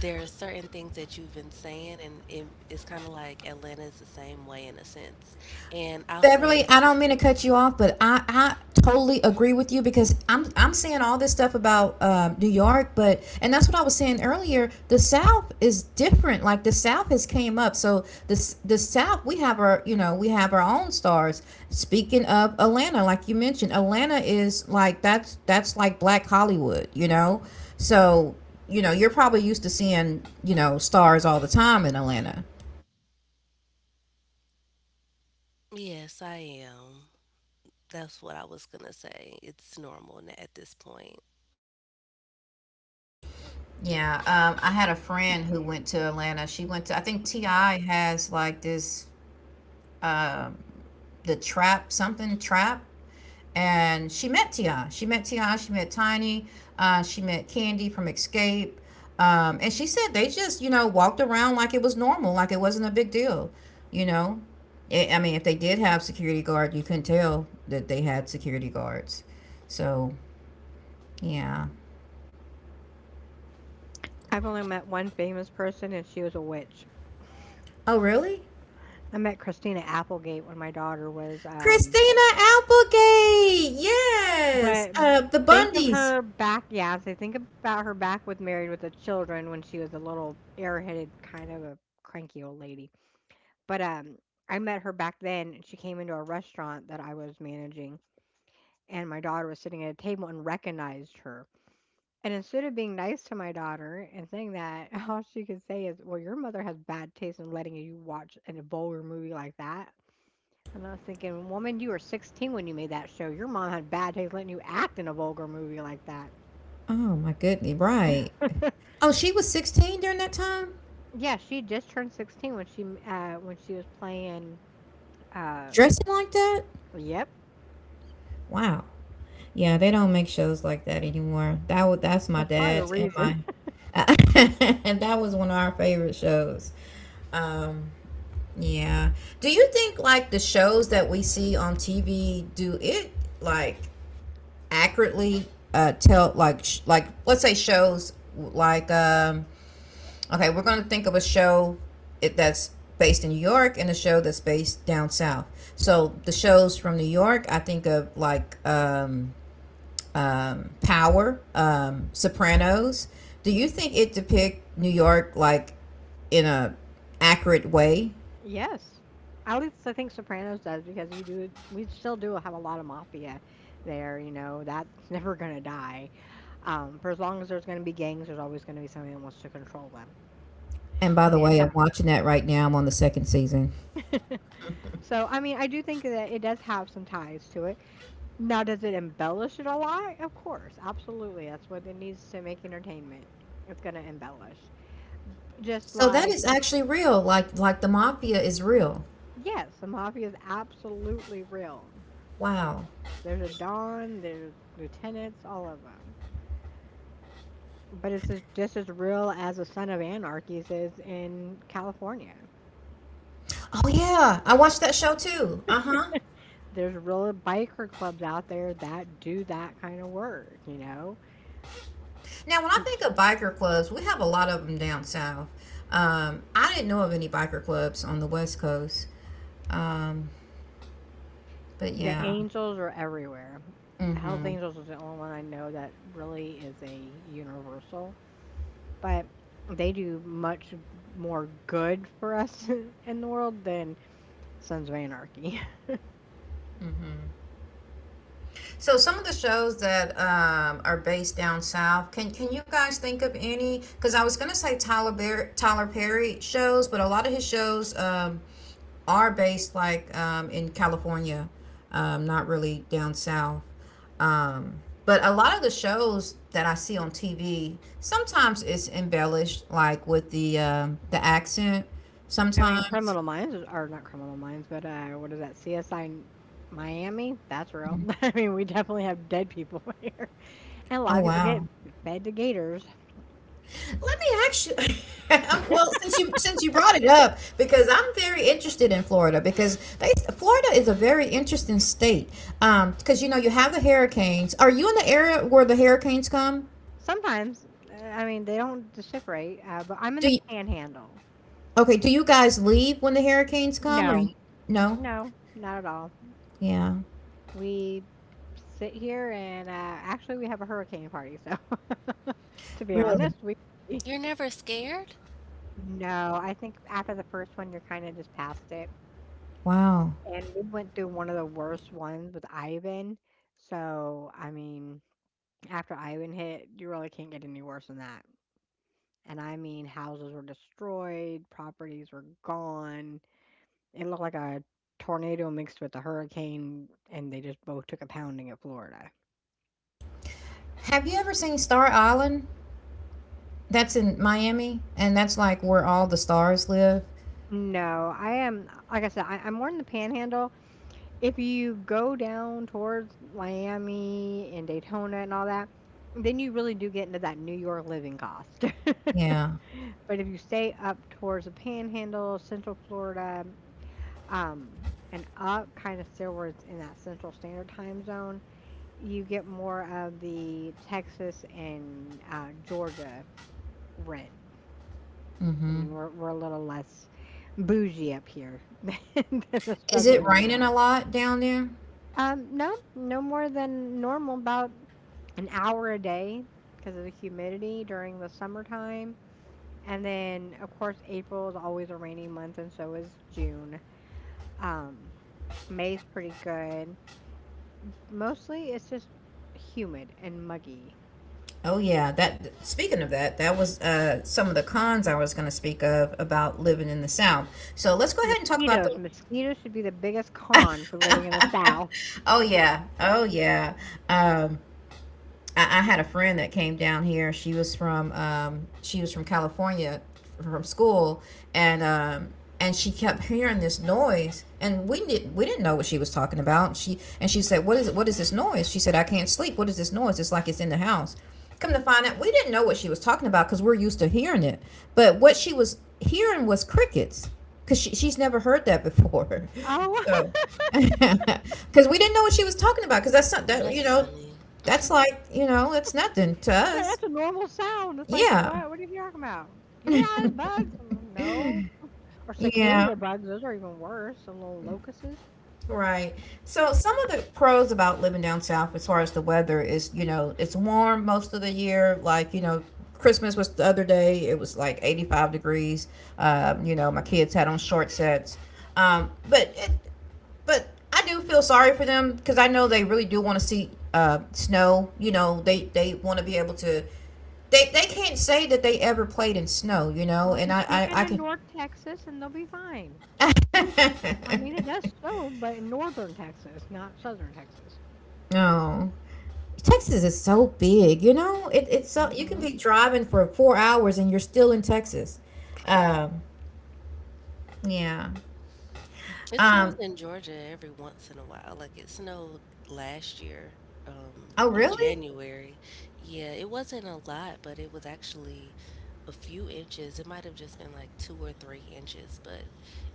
there are certain things that you've been saying, and it, it's kind of like Atlanta is the same way in a sense. And I'll
Beverly,
say,
I don't mean to cut you off, but I, I totally agree with you because I'm I'm seeing all this stuff about um, New York, but and that's what I was saying earlier. The South is different. Like the South has came up, so the the South we have our you know we have our own stars. Speaking of Atlanta, like you mentioned, Atlanta is like that's that's like Black Hollywood, you know. So you know you're probably used to seeing you know stars all the time in Atlanta.
yes, I am. That's what I was gonna say. It's normal n- at this point.
Yeah, um, I had a friend who went to Atlanta. She went to, I think T I has like this, um, the trap, something trap. And she met T I. She met T I. She met Tiny. Uh, she met Candy from Escape. Um, and she said they just, you know, walked around like it was normal, like it wasn't a big deal, you know? I I mean, if they did have security guard, you couldn't tell that they had security guards. So, yeah.
I've only met one famous person, and she was a witch.
Oh, really?
I met Christina Applegate when my daughter was, um
Christina Applegate. Yes.
but
Uh, the
think of
Bundys.
her back yeah, so think about her back with Married with the Children when she was a little airheaded, kind of a cranky old lady. But, um, I met her back then, and she came into a restaurant that I was managing, and my daughter was sitting at a table and recognized her. And instead of being nice to my daughter and saying that, all she could say is, "Well, your mother has bad taste in letting you watch an a vulgar movie like that." And I was thinking, woman, you were sixteen when you made that show. Your mom had bad taste letting you act in a vulgar movie like that.
Oh my goodness. Right. Oh, she was sixteen during that time.
Yeah, she just turned sixteen when she uh when she was playing uh
Dressing like that.
yep.
Wow. Yeah, they don't make shows like that anymore. That was that's my
That's probably a
dad's and
reason.
my. And that was one of our favorite shows. Um, yeah. Do you think like the shows that we see on T V do it like accurately uh tell like sh- like let's say shows like um Okay, we're going to think of a show it- that's based in New York and a show that's based down south. So the shows from New York, I think of like um, um, Power, um, Sopranos. Do you think it depicts New York like in a accurate way?
Yes. At least I think Sopranos does because you do we still do have a lot of mafia there, you know, that's never gonna die. Um, for as long as there's gonna be gangs, there's always gonna be somebody that wants to control them.
And by
And
the
the
way, I'm
attack.
watching that right now. I'm on the second season.
So I mean I do think that it does have some ties to it. Now, does it embellish it a lot? Of course, absolutely. That's what it needs to make entertainment. It's going to embellish. Just
So that
like,
is actually real. Like like the mafia is real.
yes, the mafia is absolutely real.
Wow.
There's a Don, there's lieutenants, all of them. But it's as- just as real as the Son of Anarchy's is in California.
Oh yeah, I watched that show too. Uh huh.
There's real biker clubs out there that do that kind of work, you know?
Now, when I think of biker clubs, we have a lot of them down south. Um, I didn't know of any biker clubs on the West Coast. Um, but
The
yeah.
Angels are everywhere. Hell's
Mm-hmm.
Angels is the only one I know that really is a universal, but they do much more good for us in the world than Sons of Anarchy.
Mm-hmm. So some of the shows that um, are based down south, can can you guys think of any? Because I was gonna say Tyler Bear, Tyler Perry shows, but a lot of his shows um, are based like um, in California, um, not really down south. Um, but a lot of the shows that I see on T V sometimes it's embellished, like with the um, the accent.
I mean,
Sometimes,
Criminal Minds is- are not Criminal Minds, but uh, what is that? C S I Miami? That's real. I mean, we definitely have dead people here, and a lot
oh
of people get
wow.
fed to gators.
Let me ask you. Well, since you since you brought it up, because I'm very interested in Florida, because they, Florida is a very interesting state. Um, because you know you have the hurricanes. Are you in the area where the hurricanes come?
Sometimes, uh, I mean, they don't separate, uh, but I'm in
Do
the
you?
Panhandle.
Okay, do you guys leave when the hurricanes come or you.
No,
No?
no, not at all.
Yeah.
We sit here and uh, actually we have a hurricane party. So, to be
Really?
honest, we
You're never scared?
no. I think after the first one, you're kind of just past it.
Wow.
And we went through one of the worst ones with Ivan. So, I mean, after Ivan hit, you really can't get any worse than that. And I mean, houses were destroyed, properties were gone. It looked like a tornado mixed with a hurricane, and they just both took a pounding at Florida.
Have you ever seen Star Island? That's in Miami, and that's, like, where all the stars live.
No, I am like I said, I I'm more in the Panhandle. If you go down towards Miami and Daytona and all that, then you really do get into that New York living cost.
Yeah.
But if you stay up towards the Panhandle, Central Florida, um, and up kind of stillwards in that Central Standard Time zone, you get more of the Texas and uh, Georgia rent. I
Mhm.
mean, we're we're a little less bougie up here than the
Is it
southern
raining a
Alabama.
lot down there?
Um, no, no more than normal, about an hour a day because of the humidity during the summertime. And then, of course, April is always a rainy month, and so is June. Um, May's pretty good. Mostly, it's just humid and muggy.
Oh, yeah, that th speaking of that, that was, uh, some of the cons I was gonna speak of about living in the South. So let's go ahead and talk about
Mosquitoes.
the.
Mosquitoes should be the biggest con for living in the South.
Oh, yeah. Oh, yeah. Um I, I had a friend that came down here. She was from um, she was from California from school, and um, and she kept hearing this noise, and we did not we didn't know what she was talking about. She and she said, "What is it? What is this noise?" She said, "I can't sleep. What is this noise? It's like it's in the house." Come to find out, we didn't know what she was talking about because we're used to hearing it. But what she was hearing was crickets because she, she's never heard that before.
Oh,
So, because we didn't know what she was talking about because that's not
Oh,
that you
that's
know
funny.
that's like, you know, it's nothing to
yeah,
us.
that's a normal sound. It's like,
Yeah.
what? What are you talking about? Yeah, it's bugs. I'm like, no. Or
Yeah.
cicada bugs. Those are even worse. Some little locusts.
Right. So some of the pros about living down south as far as the weather is, you know, it's warm most of the year. Like, you know, Christmas was the other day, it was like eighty-five degrees. Um, you know, my kids had on short sets. Um, but it, but I do feel sorry for them because I know they really do want to see uh, snow. You know, they they want to be able to. They, they can't say that they ever played in snow, you know,
Well,
and I,
just take
I,
them
I
to
can.
North Texas and they'll be fine. I mean, it does so, but in northern Texas, not southern Texas.
Oh, Texas is so big. You know, it, it's so you can
Hmm.
be driving for four hours and you're still in Texas. Um, yeah.
It snows
Um.
in Georgia every once in a while. Like it snowed last year, um,
Oh,
in
really?
January. Yeah, it wasn't a lot, but it was actually a few inches. It might have just been like two or three inches, but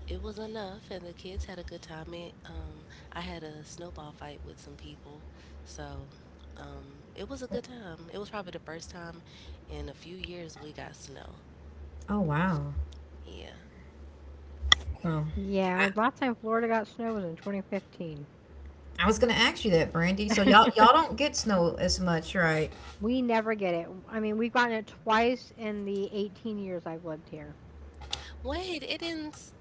it was enough, and the kids had a good time. It, um, I had a snowball fight with some people, so um, it was a good time. It was probably the first time in a few years we got snow.
Oh, wow.
Yeah.
Oh, I, I was gonna ask you that, Brandy. So y'all y'all don't get snow as much, right?
Wait, it did ends.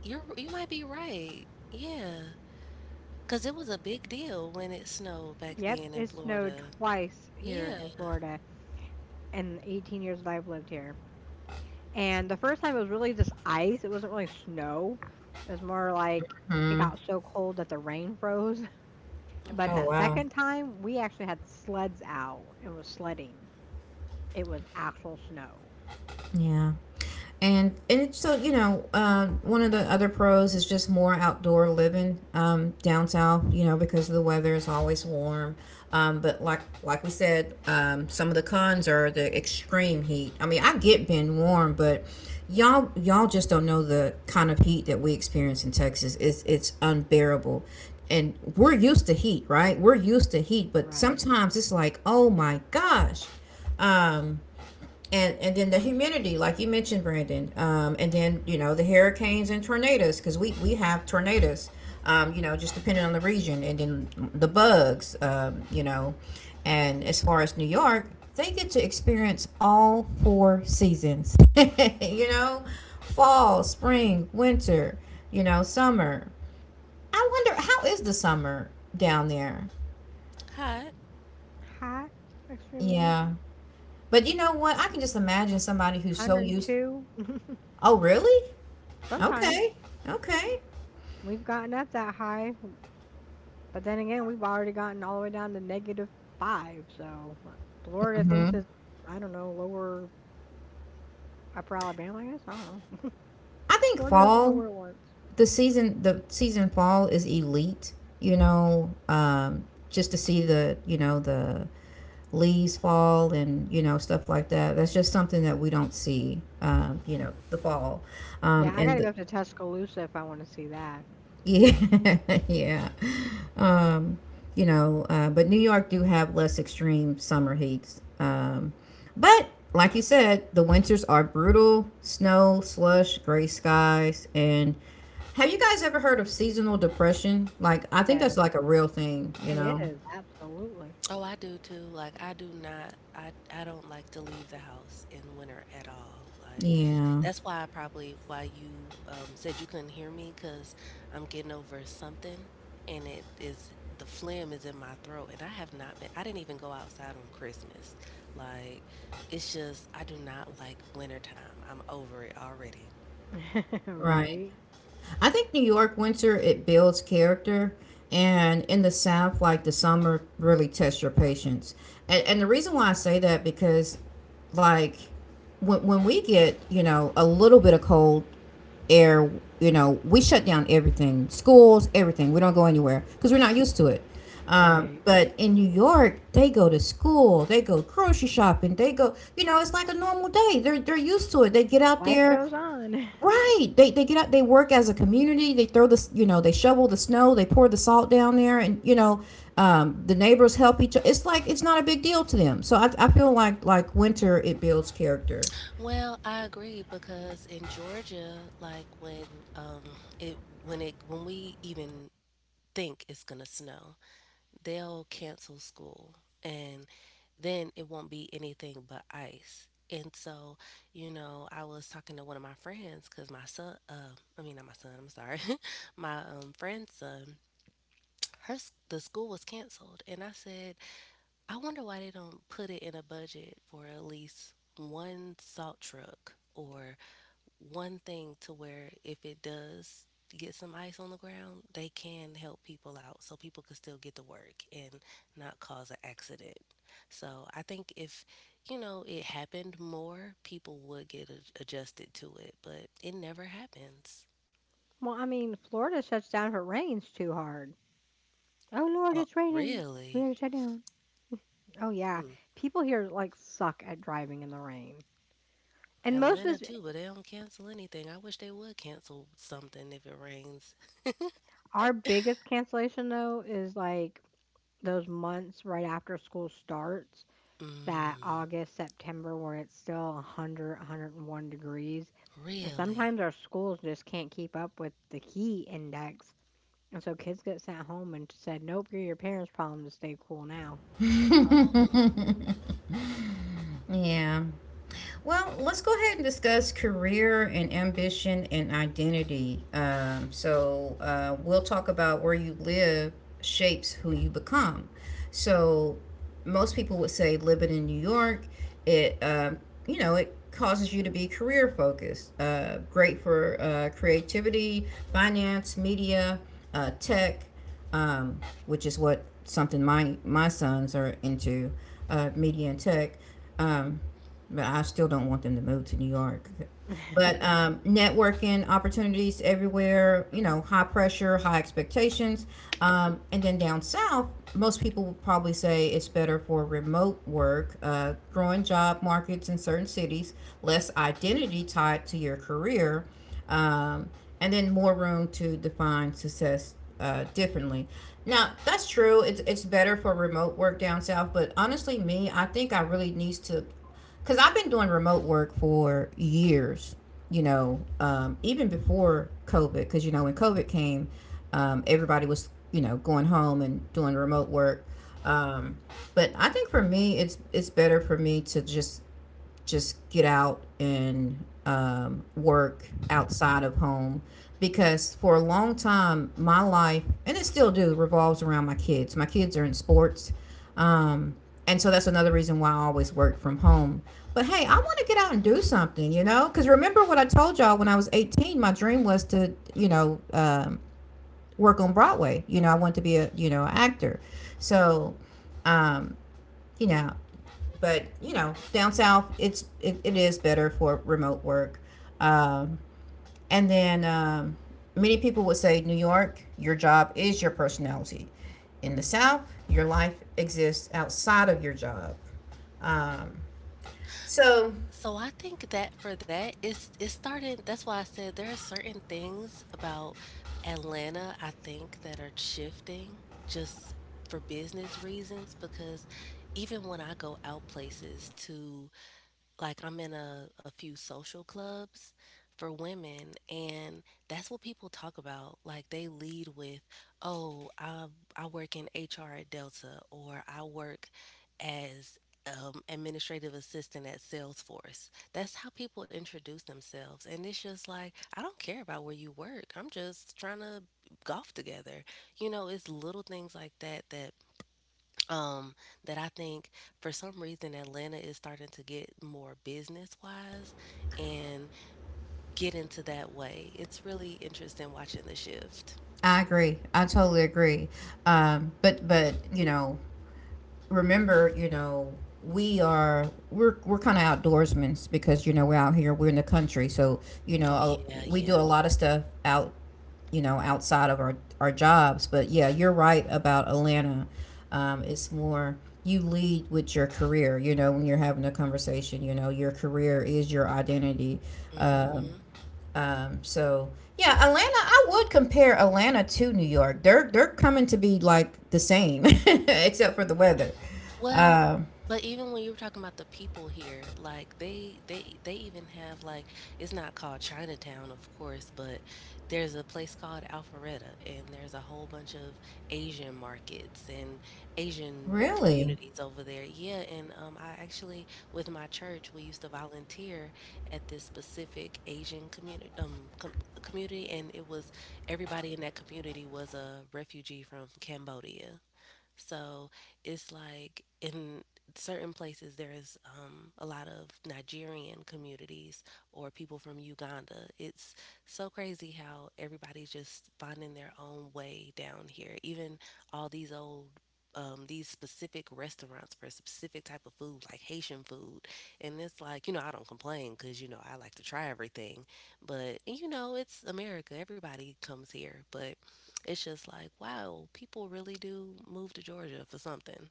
You're you might be right. Yeah. Because it was a big deal when it snowed back then in Florida. Yeah,
Hmm. Oh,
right.
wow. Yeah. And and it's so you know, uh, one of the other pros is just more outdoor living um, down south. You know, because the weather is always warm. Um, but like like we said, um, some of the cons are the extreme heat. I mean, I get being warm, but y'all y'all just don't know the kind of heat that we experience in Texas. It's it's unbearable. And we're used to heat, right? We're used to heat, but sometimes it's like, oh my gosh. Um, and and then the humidity like you mentioned brandon, um, and then you know the hurricanes and tornadoes because we we have tornadoes, um, you know, just depending on the region, and then the bugs, um, you know. And as far as new york, they get to experience all four seasons you know, fall, spring, winter, you know, summer. I wonder how is the summer down there.
Hot.
Yeah, but you know what, I can just imagine somebody who's so used. Oh really. Okay. Okay. Hmm. I think fall, the season, the season fall is elite. You know, um, just to see the, you know, the leaves fall and you know stuff like that. That's just something that we don't see. Um, you know, the fall, um, and the, yeah, yeah. Um, you know, uh, but New York do have less extreme summer heats. Um, but like you said, the winters are brutal, snow, slush, gray skies, and have you guys ever heard of seasonal depression? Like, I think that's like a real thing, you know?
Oh, I do too. Like I do not I I don't like to leave the house in winter at all. Like
Yeah,
that's why I probably why you um said you couldn't hear me 'cause I'm getting over something and it is the phlegm is in my throat and I have not been I didn't even go outside on Christmas. Like it's just I do not like wintertime. I'm over it already.
right. I think New York winter it builds character, and in the South, like the summer, really tests your patience. And and the reason why I say that because, like, when when we get, you know, a little bit of cold air, you know, we shut down everything, schools, everything. We don't go anywhere because we're not used to it. Um, but in New York, they go to school, they go grocery shopping, they go, you know, it's like a normal day. They're they're used to it. They get out there. Right. They they get out. They work as a community. They throw the, you know, they shovel the snow. They pour the salt down there, and you know um, the neighbors help each other. It's like it's not a big deal to them. So I, I feel like like winter it builds character.
Well, I agree because in Georgia, like when um it when it when we even think it's gonna snow, they'll cancel school and then it won't be anything but ice. And so, you know, I was talking to one of my friends because my son, uh, I mean, not my son, I'm sorry, my um, friend's son, her s- the school was canceled, and I said, I wonder why they don't put it in a budget for at least one salt truck or one thing to where if it does get some ice on the ground, they can help people out so people can still get to work and not cause an accident. So I think if, you know, it happened more, people would get a- adjusted to it, but it never happens. Oh, really? Hmm. Atlanta too, but they don't cancel anything. I wish they would cancel something if it rains. Mm, really? Oh.
Yeah. Well, let's go ahead and discuss career and ambition and identity. Um, so, uh, we'll talk about where you live shapes who you become. So, most people would say living in New York, it, um, you know, it causes you to be career focused, uh, great for uh, creativity, finance, media, uh, tech, um, which is what something my my sons are into, uh, media and tech. Um, but I still don't want them to move to New York. But um, Networking opportunities everywhere, you know, high pressure, high expectations. Um, and then down south, most people would probably say it's better for remote work, uh, growing job markets in certain cities, less identity tied to your career, um, and then more room to define success uh, differently. Now that's true. It's it's better for remote work down south, but honestly, me, I think I really needs to, cause I've been doing remote work for years. You know, um, even before COVID, cause you know when COVID came, um, everybody was, you know, going home and doing remote work. Um, but I think for me, it's it's better for me to just just get out and um, work outside of home because for a long time my life and it still do revolves around my kids, my kids are in sports, um, and so that's another reason why I always work from home. But hey, I want to get out and do something, you know, because remember what I told y'all when I was eighteen. My dream was to, you know um, work on broadway. You know, I wanted to be a, you know actor. So you know. But you know, down south, it's it, it is better for remote work. Um, and then um, Many people would say, New York, your job is your personality. In the South, your life exists outside of your job. Um,
S-
so
So I think that for that, it's it started. That's why I said there are certain things about Atlanta I think that are shifting just for business reasons because even when I go out places to like I'm in a, a few social clubs for women and that's what people talk about. Like they lead with, "Oh, I I work in H R at Delta, or I work as um, administrative assistant at Salesforce." That's how people introduce themselves. And it's just like, I don't care about where you work. I'm just trying to golf together. You know, it's little things like that that um that I think for some reason Atlanta is starting to get more business wise and get into that way. It's really interesting watching the shift.
I agree. I totally agree. Um, but but you know, remember, you know, we are we're we're kind of outdoorsmen because you know we're out here, we're in the country, so you know
Oh
uh,
yeah,
we do
yeah.
a lot of stuff out, you know, outside of our our jobs. But yeah, you're right about Atlanta. Um, it's more you lead with your career. You know, when you're having a conversation, you know, your career is your identity. Um,
Hmm.
um, so yeah, Atlanta. I would compare Atlanta to New York. They're they're coming to be like the same, except for the weather.
Well, but even when you were talking about the people here, like they they they even have like, it's not called Chinatown, of course, but there's a place called Alpharetta and there's a whole bunch of Asian markets and Asian
Really?
communities over there. Yeah, and um I actually with my church, we used to volunteer at this specific Asian community um com community, and it was everybody in that community was a refugee from Cambodia. So it's like in certain places there's um, a lot of Nigerian communities or people from Uganda. It's so crazy how everybody's just finding their own way down here. Even all these old um, these specific restaurants for a specific type of food, like Haitian food. And it's like, you know, I don't complain because, you know, I like to try everything. But, you know, it's America. Everybody comes here. But it's just like, wow, people really do move to Georgia for something.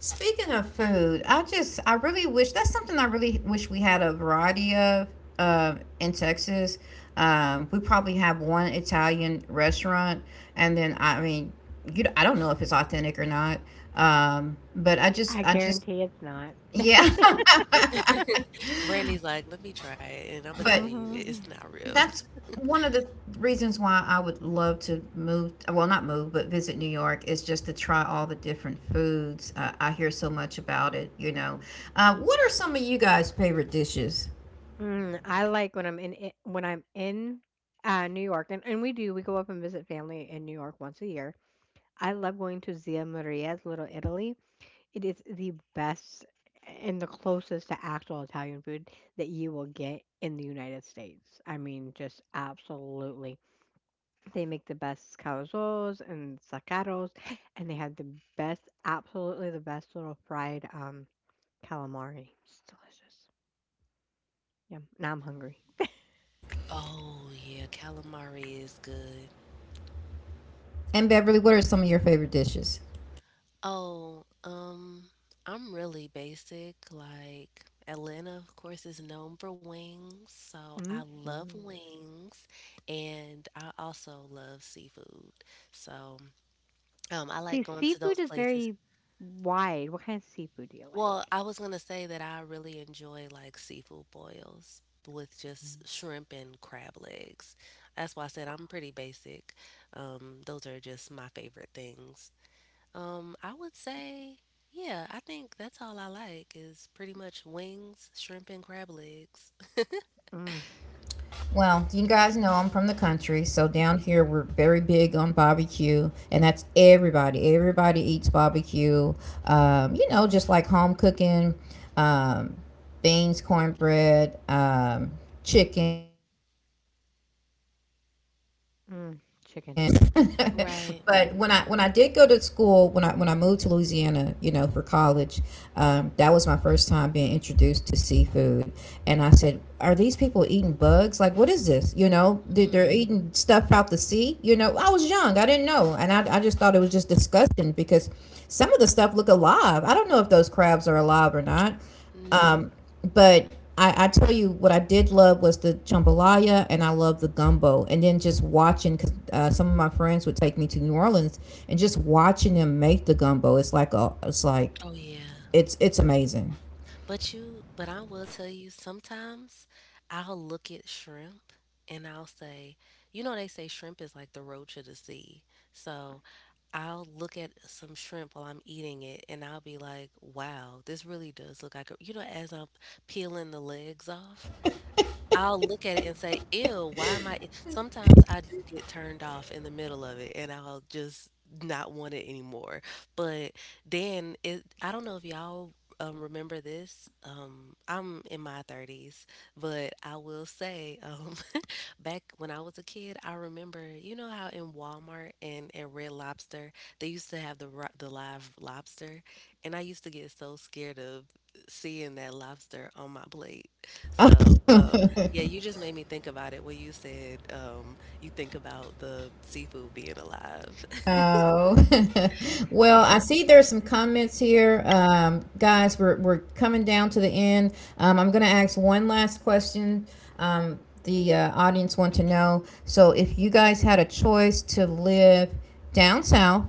Speaking of food, I just I really wish that's something I really wish we had a variety of uh, in Texas. Um, we probably have one Italian restaurant, and then I mean, you I don't know if it's authentic or not. Um, but I just I just yeah,
Brandy's like, let me try it, and I'm gonna tell
but
you, it's not real.
that's one of the reasons why I would love to move, well, not move, but visit New York is just to try all the different foods. Uh, I hear so much about it, you know. Uh, what are some of you guys' favorite dishes?
Oh yeah, calamari is good.
And Beverly, what are some of your favorite dishes?
Oh, um, I'm really basic. Like Atlanta, of course, is known for wings, so I love wings, and I also love seafood. So, um, I like going to those places. Well, I was gonna say that I really enjoy like seafood boils with just shrimp and crab legs. That's why I said I'm pretty basic. Um, those are just my favorite things. Um, I would say, yeah, I think that's all I like is pretty much wings, shrimp, and crab legs.
Well, you guys know I'm from the country, so down here we're very big on barbecue, and that's everybody. Everybody eats barbecue. Um, you know, just like home cooking, um, beans, cornbread, um, chicken, fried chicken. Um, and again barbecue
Right.
but when i when i did go to school when i when i moved to louisiana, you know, for college, um, that was my first time being introduced to seafood. And I said, are these people eating bugs? Like, what is this? You know, they- they're
Mm.
eating stuff out the sea. You know, I was young, I didn't know. and i, I just thought it was just disgusting because some of the stuff look alive. I don't know if those crabs are alive or not.
N-
Um, but I, I tell you what I did love was the jambalaya, and I love the gumbo, and then just watching because uh, some of my friends would take me to New Orleans, and just watching them make the gumbo, it's like a, it's like,
Oh yeah.
it's it's amazing.
But you, but I will tell you, sometimes I'll look at shrimp and I'll say, you know, they say shrimp is like the roach of the sea. So I'll look at some shrimp while I'm eating it and I'll be like, wow, this really does look like a, you know, as I'm peeling the legs off, I'll look at it and say, "Ew, why am I" e-" sometimes I do get turned off in the middle of it and I'll just not want it anymore. But then it I don't know if y'all um, remember this. Um, I'm in my thirties, but I will say, um, back when I was a kid, I remember, you know how in Walmart and at Red Lobster, they used to have the ro- the live lobster, and I used to get so scared of seeing that lobster on my plate. So, um, yeah, you just made me think about it when you said um, you think about the seafood being alive.
Oh, well, I
Yeah.
see there's some comments here. Um, guys, we're, we're coming down to the end. Um, I'm going to ask one last question. Um, the uh, audience want to know. So, if you guys had a choice to live down south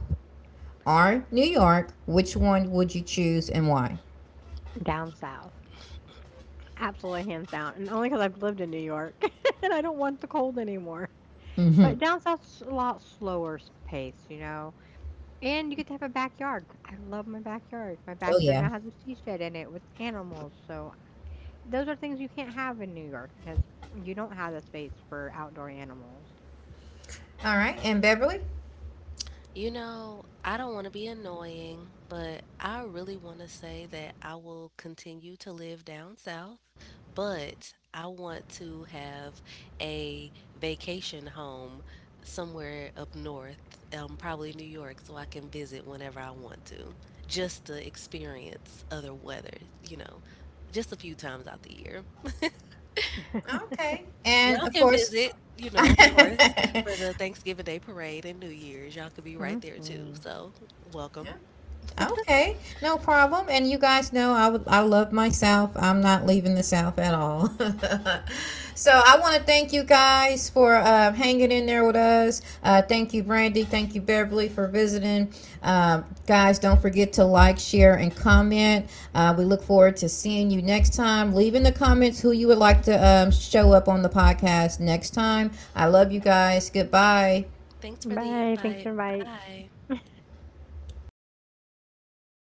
or New York, which one would you choose and why? Hmm. Oh, yeah. All right. And Beverly?
You know, I don't want to be annoying, but I really want to say that I will continue to live down south, but I want to have a vacation home somewhere up north, um, probably New York, so I can visit whenever I want to, just to experience other weather, you know, just a few times out the year.
Okay. And
Y'all
of
can
course,
visit, you know, of course,
yeah.
for the Thanksgiving Day parade and New Year's. Y'all could be right there too. So, welcome.
Okay, no problem. And you guys know I would I love myself. I'm not leaving the South at all. So I want to thank you guys for uh, hanging in there with us. Uh, thank you, Brandy. Thank you, Beverly, for visiting. Um, guys, don't forget to like, share, and comment. Uh, we look forward to seeing you next time. Leave in the comments who you would like to um, show up on the podcast next time. I love you guys. Goodbye.
Thanks for the invite. Bye.